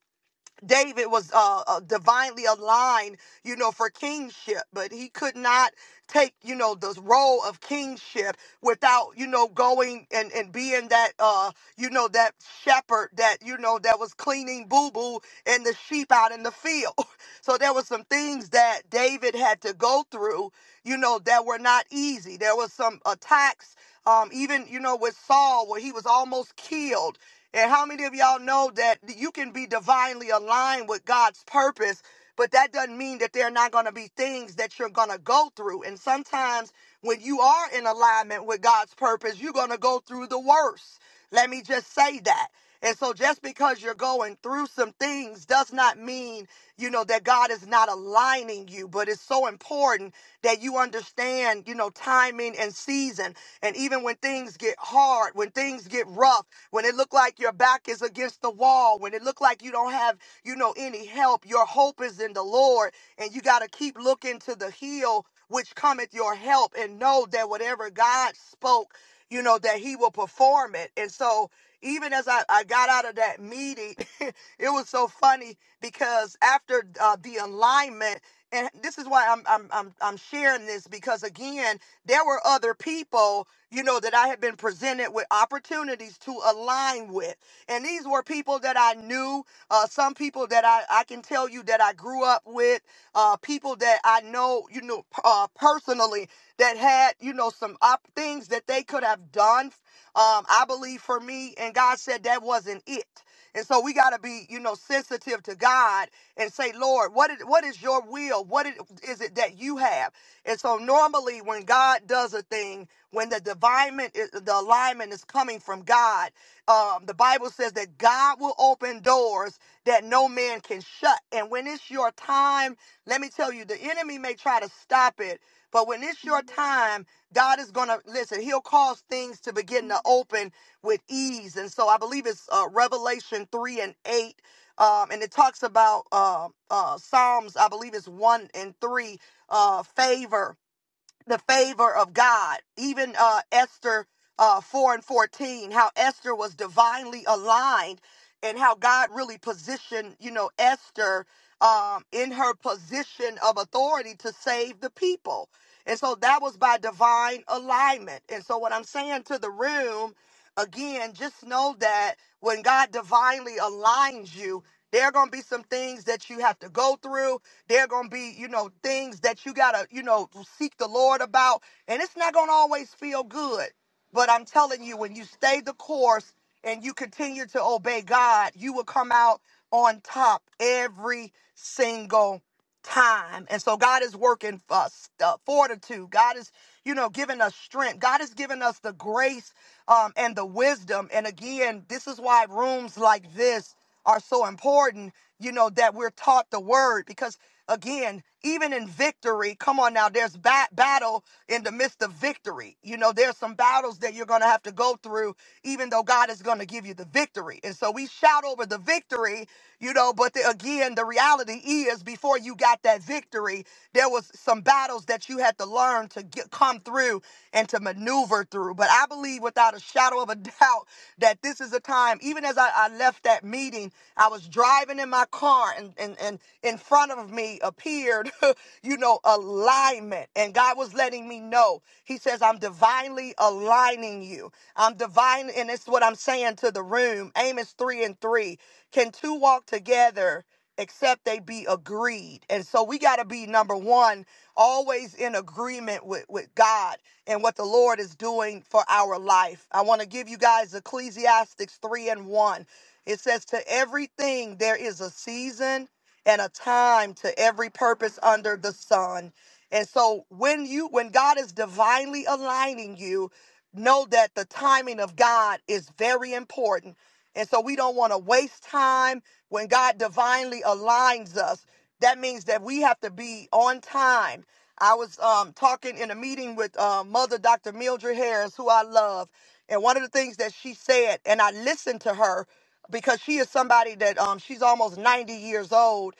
Speaker 1: David was uh, uh, divinely aligned, you know, for kingship, but he could not take, you know, the role of kingship without, you know, going and, and being that, uh, you know, that shepherd that, you know, that was cleaning boo boo and the sheep out in the field. So there were some things that David had to go through, you know, that were not easy. There was some attacks, um, even, you know, with Saul, where he was almost killed and how many of y'all know that you can be divinely aligned with God's purpose, but that doesn't mean that there are not going to be things that you're going to go through. And sometimes when you are in alignment with God's purpose, you're going to go through the worst. Let me just say that. And so just because you're going through some things does not mean, you know, that God is not aligning you, but it's so important that you understand, you know, timing and season. And even when things get hard, when things get rough, when it look like your back is against the wall, when it look like you don't have, you know, any help, your hope is in the Lord, and you got to keep looking to the hill which cometh your help and know that whatever God spoke you know, that he will perform it. And so even as I, I got out of that meeting, it was so funny because after uh, the alignment, and this is why I'm, I'm I'm I'm sharing this because again, there were other people, you know, that I had been presented with opportunities to align with. And these were people that I knew, uh, some people that I, I can tell you that I grew up with, uh, people that I know, you know, uh, personally that had, you know, some op- things that they could have done. Um, I believe for me, and God said that wasn't it. And so we got to be, you know, sensitive to God and say, Lord, what is, what is your will? What is it that you have? And so normally when God does a thing, when the divinement, the alignment is coming from God, um, the Bible says that God will open doors that no man can shut. And when it's your time, let me tell you, the enemy may try to stop it, but when it's your time, God is going to listen, he'll cause things to begin to open with ease. And so I believe it's uh, Revelation 3 and 8. Um, and it talks about uh, uh, Psalms, I believe it's 1 and 3, uh, favor, the favor of God. Even uh, Esther uh, 4 and 14, how Esther was divinely aligned and how God really positioned, you know, Esther um, in her position of authority to save the people. And so that was by divine alignment. And so what I'm saying to the room Again, just know that when God divinely aligns you, there are going to be some things that you have to go through. There are going to be, you know, things that you got to, you know, seek the Lord about. And it's not going to always feel good. But I'm telling you, when you stay the course and you continue to obey God, you will come out on top every single time. And so God is working for us, uh, fortitude. God is, you know, giving us strength. God is giving us the grace um, and the wisdom. And again, this is why rooms like this are so important, you know, that we're taught the word because again, even in victory, come on now, there's ba- battle in the midst of victory. You know, there's some battles that you're going to have to go through, even though God is going to give you the victory. And so we shout over the victory, you know, but the, again, the reality is before you got that victory, there was some battles that you had to learn to get, come through through and to maneuver through. But I believe without a shadow of a doubt that this is a time, even as I, I left that meeting, I was driving in my car and, and, and in front of me appeared, you know, alignment. And God was letting me know. He says, I'm divinely aligning you. I'm divine. And it's what I'm saying to the room. Amos 3 and 3. Can two walk together? except they be agreed. And so we got to be number one, always in agreement with, with God and what the Lord is doing for our life. I want to give you guys Ecclesiastes 3 and 1. It says, To everything there is a season and a time to every purpose under the sun. And so when you when God is divinely aligning you, know that the timing of God is very important and so we don't want to waste time when God divinely aligns us. That means that we have to be on time. I was um, talking in a meeting with uh, Mother Dr. Mildred Harris, who I love. And one of the things that she said, and I listened to her because she is somebody that um, she's almost 90 years old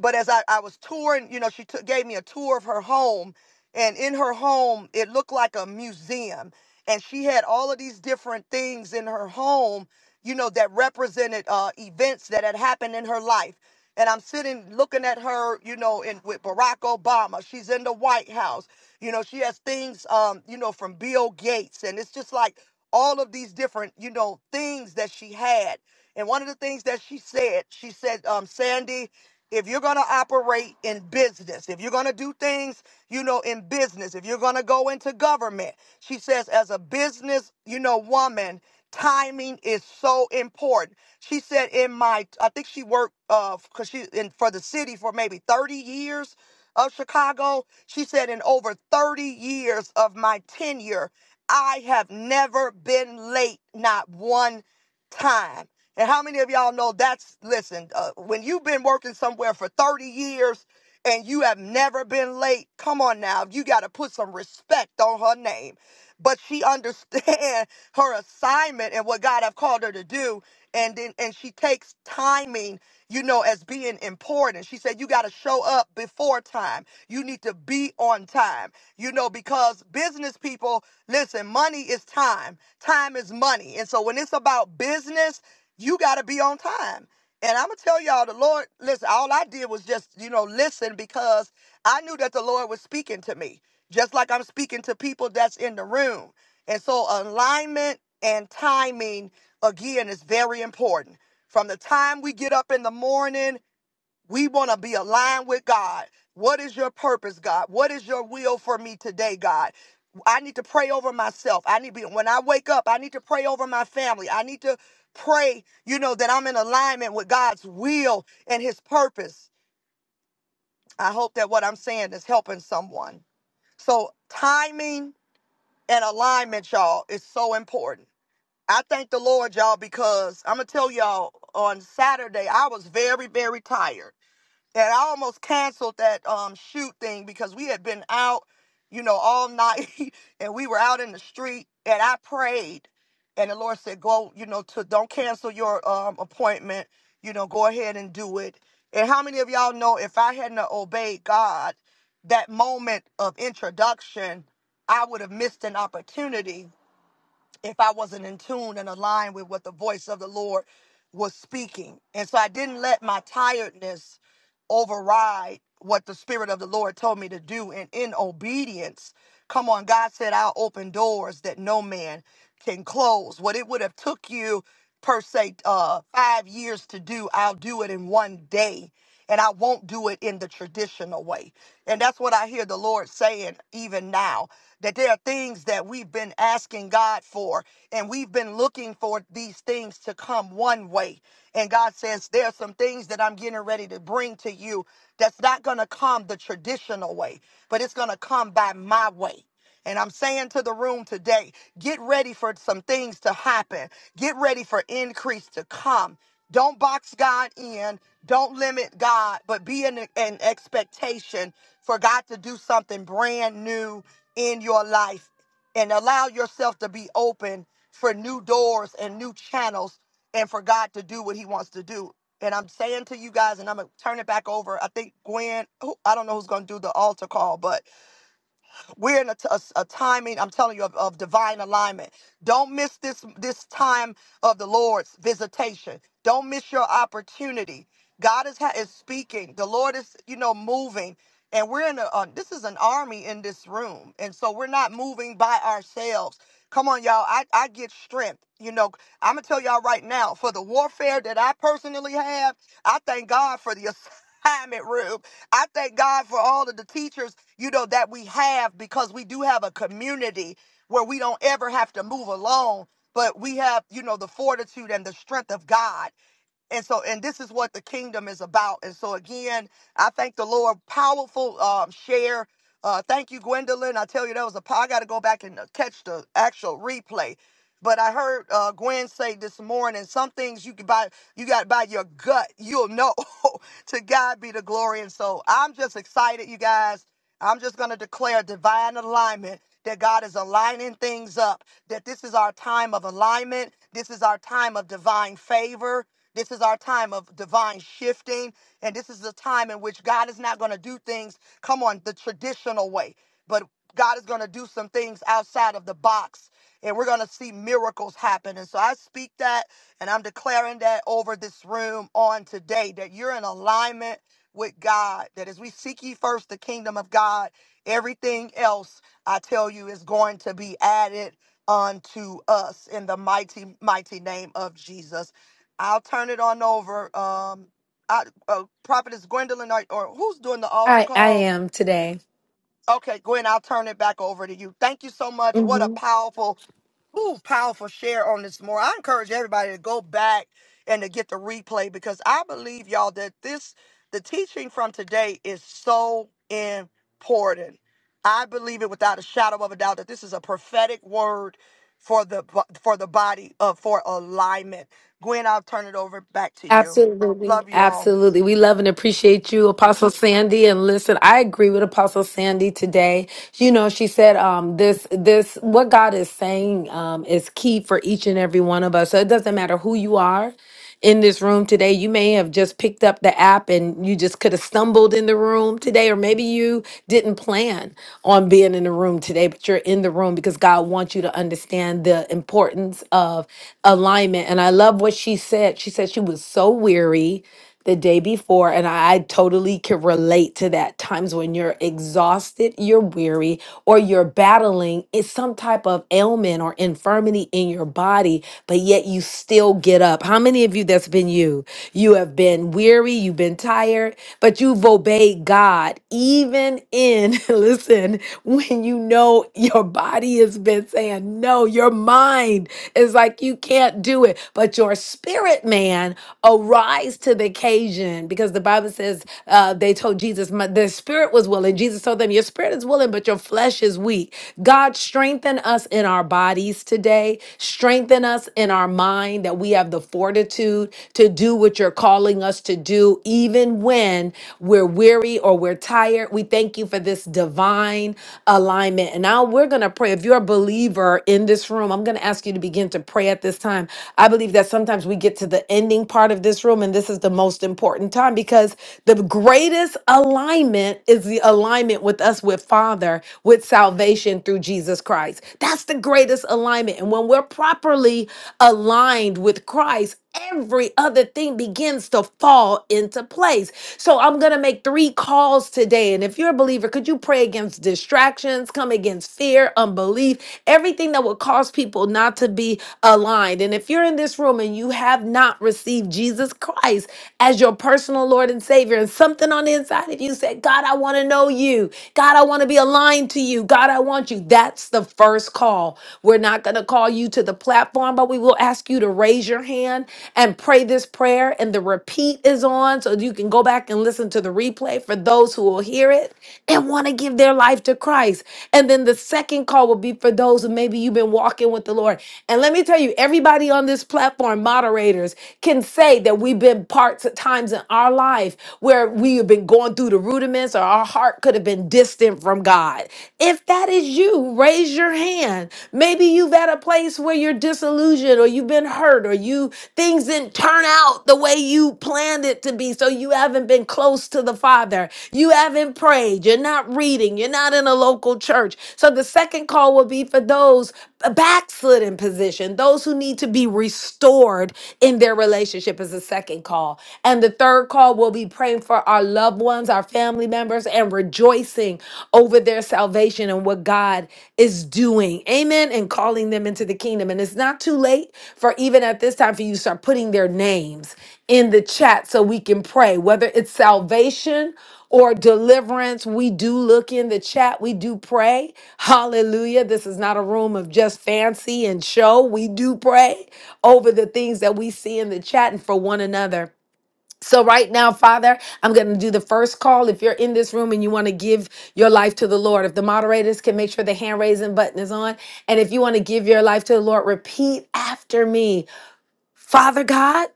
Speaker 1: but as I, I was touring, you know, she took, gave me a tour of her home. And in her home, it looked like a museum. And she had all of these different things in her home, you know, that represented uh, events that had happened in her life. And I'm sitting looking at her, you know, in, with Barack Obama. She's in the White House. You know, she has things, um, you know, from Bill Gates. And it's just like all of these different, you know, things that she had. And one of the things that she said, she said, um, Sandy, if you're going to operate in business, if you're going to do things, you know, in business, if you're going to go into government, she says, as a business, you know, woman, timing is so important. She said, in my, I think she worked, uh, cause she in for the city for maybe 30 years of Chicago. She said, in over 30 years of my tenure. I have never been late, not one time. And how many of y'all know that's, listen, uh, when you've been working somewhere for 30 years and you have never been late, come on now, you got to put some respect on her name. But she understands her assignment and what God have called her to do. And then, and she takes timing, you know, as being important. She said, you got to show up before time. You need to be on time you know, because business people, listen, money is time. Time is money. And so when it's about business, you got to be on time. And I'm going to tell y'all, the Lord, listen, all I did was just, you know, listen because I knew that the Lord was speaking to me, just like I'm speaking to people that's in the room. And so alignment and timing, again, is very important. From the time we get up in the morning, we want to be aligned with God. What is your purpose, God? What is your will for me today, God? I need to pray over myself. I need to be, when I wake up, I need to pray over my family. I need to pray, you know, that I'm in alignment with God's will and his purpose. I hope that what I'm saying is helping someone. So, timing and alignment, y'all, is so important. I thank the Lord, y'all, because I'm going to tell y'all on Saturday, I was very, very tired and I almost canceled that um shoot thing because we had been out, you know, all night and we were out in the street and I prayed and the Lord said, Go, you know, to don't cancel your um appointment, you know, go ahead and do it. And how many of y'all know if I hadn't have obeyed God, that moment of introduction, I would have missed an opportunity if I wasn't in tune and aligned with what the voice of the Lord was speaking. And so I didn't let my tiredness override what the Spirit of the Lord told me to do. And in obedience, come on, God said, I'll open doors that no man can close. What it would have took you per se uh, five years to do, I'll do it in one day and I won't do it in the traditional way. And that's what I hear the Lord saying even now that there are things that we've been asking God for, and we've been looking for these things to come one way. And God says, There are some things that I'm getting ready to bring to you that's not going to come the traditional way, but it's going to come by my way. And I'm saying to the room today, get ready for some things to happen. Get ready for increase to come. Don't box God in. Don't limit God, but be in an expectation for God to do something brand new in your life and allow yourself to be open for new doors and new channels and for God to do what he wants to do. And I'm saying to you guys, and I'm going to turn it back over. I think Gwen, who, I don't know who's going to do the altar call, but we're in a, t- a s- a timing, I'm telling you, of, of divine alignment. Don't miss this, this time of the Lord's visitation. Don't miss your opportunity. God is, ha- is speaking. The Lord is, you know, moving. And we're in a, uh, this is an army in this room. And so we're not moving by ourselves. Come on, y'all. I, I get strength. You know, I'm going to tell y'all right now for the warfare that I personally have, I thank God for the assignment room. I thank God for all of the teachers you know, that we have because we do have a community where we don't ever have to move alone, but we have, you know, the fortitude and the strength of God. And so, and this is what the kingdom is about. And so, again, I thank the Lord. Powerful um, share. Uh, thank you, Gwendolyn. I tell you, that was a. po- I got to go back and uh, catch the actual replay. But I heard uh, Gwen say this morning, some things you can buy, you got by your gut, you'll know. to God be the glory. And so I'm just excited, you guys. I'm just going to declare divine alignment that God is aligning things up, that this is our time of alignment. This is our time of divine favor. This is our time of divine shifting. And this is the time in which God is not going to do things, come on, the traditional way, but God is going to do some things outside of the box. And we're going to see miracles happen. And so I speak that and I'm declaring that over this room on today that you're in alignment with God, that as we seek ye first the kingdom of God, everything else, I tell you, is going to be added unto us in the mighty, mighty name of Jesus. I'll turn it on over. Um, I, uh, Prophetess Gwendolyn, or, or who's doing the altar
Speaker 3: I, I
Speaker 1: call?
Speaker 3: am today.
Speaker 1: Okay, Gwen, I'll turn it back over to you. Thank you so much. What a powerful Ooh, powerful share on this more. I encourage everybody to go back and to get the replay because I believe y'all that this the teaching from today is so important. I believe it without a shadow of a doubt that this is a prophetic word for the bo- for the body of for alignment. Gwen, I'll turn it over back to you.
Speaker 3: Absolutely.
Speaker 1: Love you all.
Speaker 3: Absolutely. We love and appreciate you, Apostle Sandy. And listen, I agree with Apostle Sandy today. You know, she said, um, this, this, what God is saying, um, is key for each and every one of us. So it doesn't matter who you are in this room today. You may have just picked up the app and you just could have stumbled in the room today, or maybe you didn't plan on being in the room today, but you're in the room because God wants you to understand the importance of alignment. And I love what she said. She said she was so weary the day before. And I totally can relate to that. Times when you're exhausted, you're weary, or you're battling it's some type of ailment or infirmity in your body, but yet you still get up. How many of you that's been you? You have been weary, you've been tired, but you've obeyed God, even in, listen, when you know your body has been saying no, your mind is like, you can't do it, but your spirit man arise to the occasion because the Bible says uh, they told Jesus, "My- their spirit was willing. Jesus told them, Your spirit is willing, but your flesh is weak. God, strengthen us in our bodies today. Strengthen us in our mind that we have the fortitude to do what you're calling us to do, even when we're weary or we're tired. We thank you for this divine alignment. And now we're going to pray. If you're a believer in this room, I'm going to ask you to begin to pray at this time. I believe that sometimes we get to the ending part of this room, and this is the moment most important time because the greatest alignment is the alignment with us with Father, with salvation through Jesus Christ. That's the greatest alignment. And when we're properly aligned with Christ, every other thing begins to fall into place. So I'm going to make three calls today. And if you're a believer, could you pray against distractions, come against fear, unbelief, everything that will cause people not to be aligned? And if you're in this room and you have not received Jesus Christ, as your personal Lord and Savior. And something on the inside of you said, God, I want to know you. God, I want to be aligned to you. God, I want you. That's the first call. We're not going to call you to the platform, but we will ask you to raise your hand and pray this prayer. And the repeat is on so you can go back and listen to the replay for those who will hear it and want to give their life to Christ. And then the second call will be for those who maybe you've been walking with the Lord. And let me tell you, everybody on this platform, moderators, can say that we've been partners parts times in our life where we have been going through the rudiments or our heart could have been distant from God. If that is you, raise your hand. Maybe you've at a place where you're disillusioned or you've been hurt or you things didn't turn out the way you planned it to be. So you haven't been close to the Father. You haven't prayed. You're not reading. You're not in a local church. So the second call will be for those backslidden position, those who need to be restored in their relationship is the second call. And the third call will be praying for our loved ones, our family members, and rejoicing over their salvation and what God is doing. Amen. And calling them into the kingdom. And it's not too late for even at this time for you to start putting their names in the chat so we can pray, whether it's salvation or deliverance. We do look in the chat. We do pray. Hallelujah. This is not a room of just fancy and show. We do pray over the things that we see in the chat and for one another. So, right now, Father, I'm going to do the first call. If you're in this room and you want to give your life to the Lord, if the moderators can make sure the hand raising button is on, and if you want to give your life to the Lord, repeat after me Father God,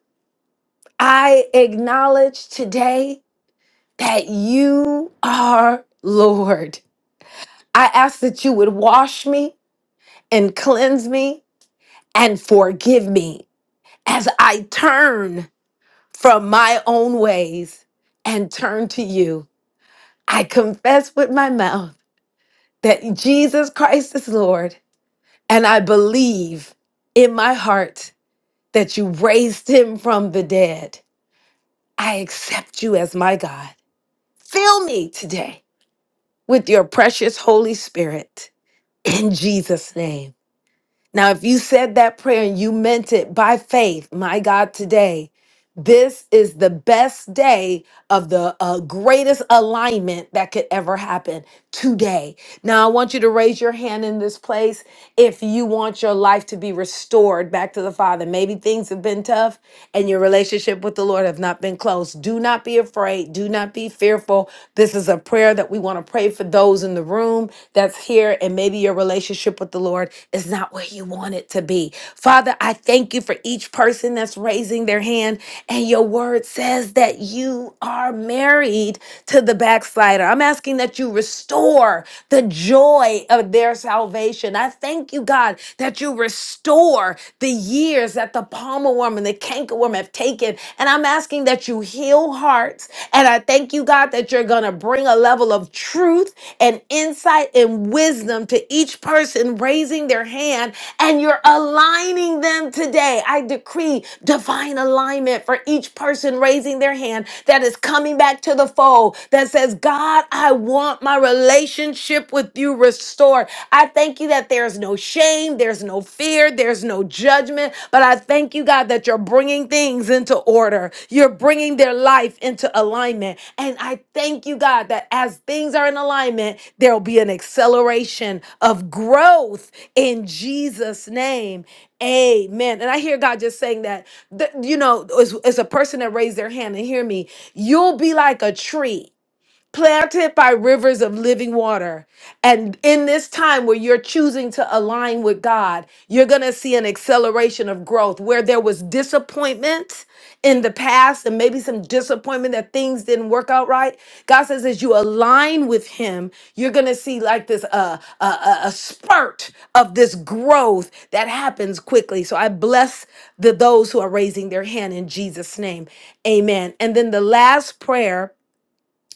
Speaker 3: I acknowledge today that you are Lord. I ask that you would wash me and cleanse me and forgive me as I turn from my own ways and turn to you. I confess with my mouth that Jesus Christ is Lord, and I believe in my heart that you raised him from the dead. I accept you as my God. Fill me today with your precious Holy Spirit In Jesus' name. Now, if you said that prayer and you meant it by faith, my God, today, this is the best day of the uh, greatest alignment that could ever happen today. Now, I want you to raise your hand in this place if you want your life to be restored back to the Father. Maybe things have been tough and your relationship with the Lord have not been close. Do not be afraid. Do not be fearful. This is a prayer that we want to pray for those in the room that's here, and maybe your relationship with the Lord is not where where you want it to be. Father, I thank you for each person that's raising their hand. And your word says that you are married to the backslider. I'm asking that you restore the joy of their salvation. I thank you, God, that you restore the years that the palmer worm and the canker worm have taken. And I'm asking that you heal hearts. And I thank Thank you, God, that you're going to bring a level of truth and insight and wisdom to each person raising their hand and you're aligning them today. I decree divine alignment for each person raising their hand that is coming back to the fold that says, God, I want my relationship with you restored. I thank you that there's no shame, there's no fear fear, there's no judgment. But I thank you, God, that you're bringing things into order. You're bringing their life into alignment. And I thank you, God, that as things are in alignment, there'll be an acceleration of growth in Jesus' name. Amen. And I hear God just saying that, that, you know, as, as a person that raised their hand and hear me, you'll be like a tree planted by rivers of living water. And in this time where you're choosing to align with God, you're going to see an acceleration of growth where there was disappointment in the past and maybe some disappointment that things didn't work out right. God says, as you align with Him, you're going to see like this uh, a, a, a spurt of this growth that happens quickly. So I bless the those who are raising their hand in Jesus' name. Amen. And then the last prayer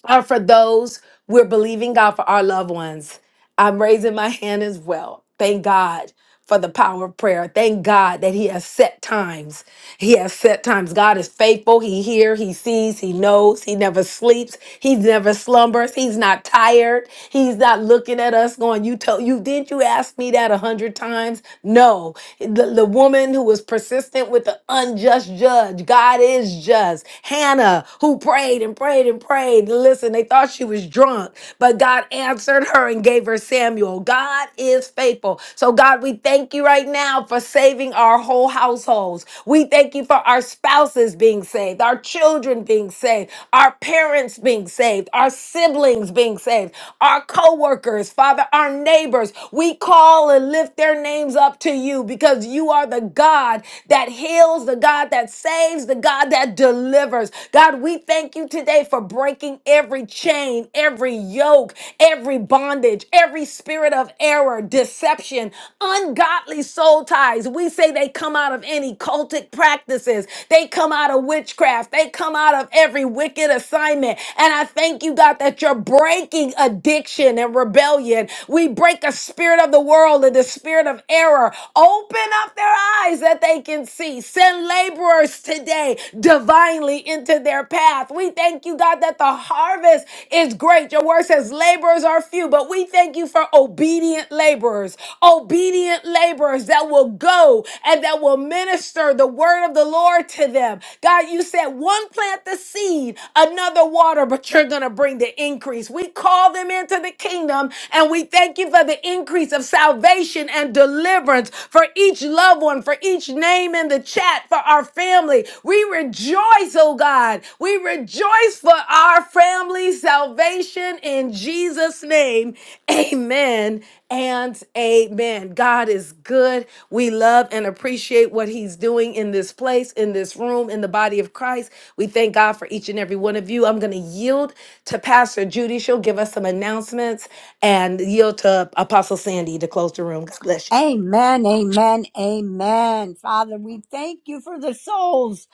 Speaker 3: are for those we're believing God for our loved ones. I'm raising my hand as well. Thank God for the power of prayer. Thank God that He has set times. He has set times. God is faithful. He hears, He sees, He knows. He never sleeps. He never slumbers. He's not tired. He's not looking at us going, You told you, didn't you ask me that a hundred times? No. The, the woman who was persistent with the unjust judge, God is just. Hannah, who prayed and prayed and prayed. Listen, they thought she was drunk drunk, but God answered her and gave her Samuel. God is faithful. So, God, we thank you right now for saving our whole households. We thank you for our spouses being saved, our children being saved, our parents being saved, our siblings being saved, our co workers, Father, our neighbors. We call and lift their names up to you because you are the God that heals, the God that saves, the God that delivers. God, we thank you you today for breaking every chain, every yoke, every bondage, every spirit of error, deception, ungodly soul ties. We say they come out of any cultic practices, they come out of witchcraft, they come out of every wicked assignment. And I thank you, God, that you're breaking addiction and rebellion. We break a spirit of the world and the spirit of error. Open up their eyes that they can see. Send laborers today way divinely into their path. We thank you, God, that the harvest is great. Your word says laborers are few, but we thank you for obedient laborers, obedient laborers that will go and that will minister the word of the Lord to them. God, you said one plant the seed, another water, but you're going to bring the increase. We call them into the kingdom and we thank you for the increase of salvation and deliverance for each loved one, for each name in the chat for our family. We rejoice, oh God. We rejoice for our family salvation in Jesus' name. Amen and amen. God is good. We love and appreciate what He's doing in this place, in this room, in the body of Christ. We thank God for each and every one of you. I'm going to yield to Pastor Judy. She'll give us some announcements and yield to Apostle Sandy to close the room. God bless you.
Speaker 2: Amen, amen, amen. Father, we thank you for the souls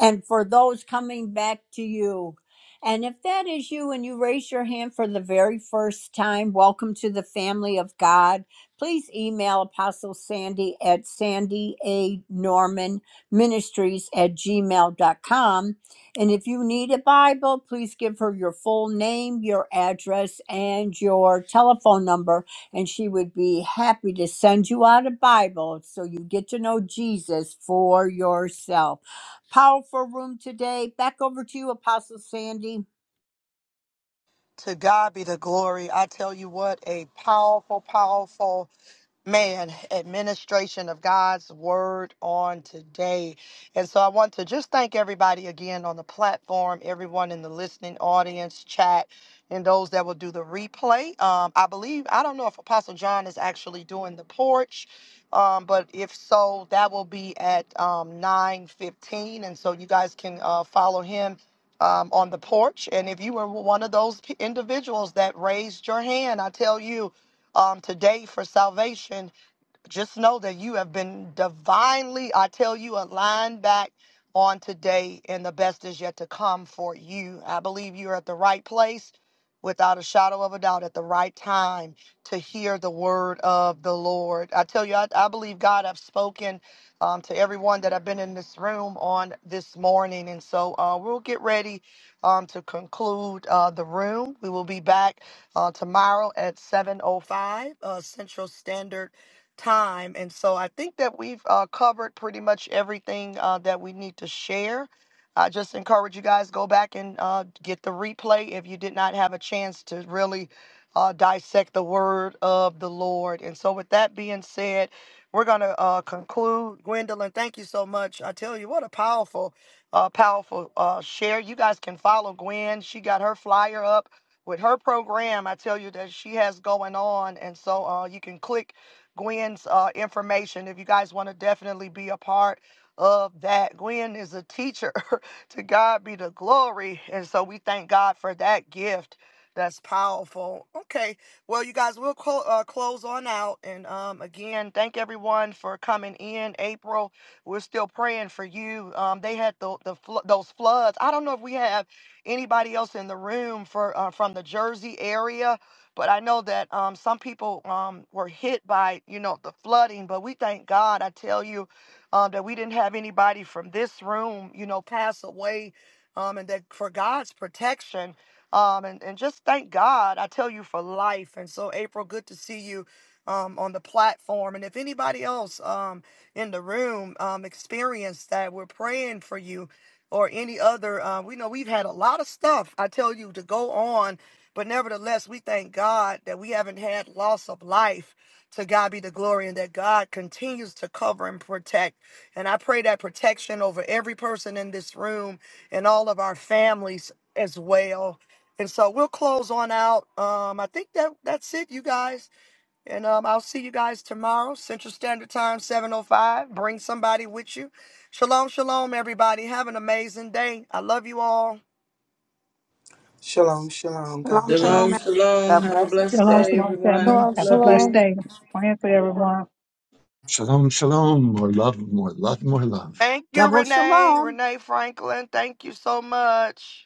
Speaker 2: and for those coming back to you. And if that is you and you raise your hand for the very first time, welcome to the family of God. Please email Apostle Sandy at Sandy A. Norman Ministries at gmail dot com. And if you need a Bible, please give her your full name, your address, and your telephone number and she would be happy to send you out a Bible so you get to know Jesus for yourself. Powerful room today. Back over to you, Apostle Sandy.
Speaker 1: To God be the glory. I tell you what, a powerful, powerful man administration of God's word on today. And so I want to just thank everybody again on the platform, everyone in the listening audience, chat, and those that will do the replay. Um, I believe, I don't know if Apostle John is actually doing the porch. Um, but if so, that will be at um, 9 fifteen. And so you guys can uh, follow him um, on the porch. And if you were one of those p- individuals that raised your hand, I tell you um, today for salvation, just know that you have been divinely, I tell you, aligned back on today, and the best is yet to come for you. I believe you're at the right place without a shadow of a doubt at the right time to hear the word of the Lord. I tell you, I, I believe God have spoken um, to everyone that have been in this room on this morning. And so uh, we'll get ready um, to conclude uh, the room. We will be back uh, tomorrow at 7.05 uh, Central Standard time. And so I think that we've uh, covered pretty much everything uh, that we need to share. I just encourage you guys go back and uh, get the replay if you did not have a chance to really uh, dissect the word of the Lord. And so, with that being said, we're going to uh, conclude. Gwendolyn, thank you so much. I tell you, what a powerful, uh, powerful uh, share. You guys can follow Gwen. She got her flyer up with her program. I tell you that she has going on. And so, uh, you can click Gwen's uh, information if you guys want to definitely be a part of that. Gwen is a teacher. to God be the glory. And so we thank God for that gift. That's powerful. Okay. Well, you guys, we'll clo- uh, close on out. And um, again, thank everyone for coming in. April, we're still praying for you. Um, they had the, the flo- those floods. I don't know if we have anybody else in the room for uh, from the Jersey area but I know that um, some people um, were hit by, you know, the flooding. But we thank God, I tell you, um, that we didn't have anybody from this room, you know, pass away. Um, and that for God's protection. Um, and, and just thank God, I tell you, for life. And so, April, good to see you um, on the platform. And if anybody else um, in the room um, experienced that, we're praying for you or any other. Uh, we know we've had a lot of stuff, I tell you, to go on but nevertheless, we thank God that we haven't had loss of life. To God be the glory, and that God continues to cover and protect. And I pray that protection over every person in this room and all of our families as well. And so we'll close on out. Um, I think that that's it, you guys. And um, I'll see you guys tomorrow, Central Standard Time, 7:05. Bring somebody with you. Shalom, shalom, everybody. Have an amazing day. I love you all.
Speaker 10: Shalom, shalom. God bless.
Speaker 6: God bless
Speaker 12: Shalom,
Speaker 6: everybody.
Speaker 12: shalom, family.
Speaker 4: Shalom,
Speaker 12: Have a blessed
Speaker 4: shalom.
Speaker 12: day. Praying for everyone.
Speaker 7: Shalom, shalom. More love, more love, more love.
Speaker 1: Thank you,
Speaker 2: Double
Speaker 1: Renee.
Speaker 2: shalom.
Speaker 1: Renee Franklin, thank you so much.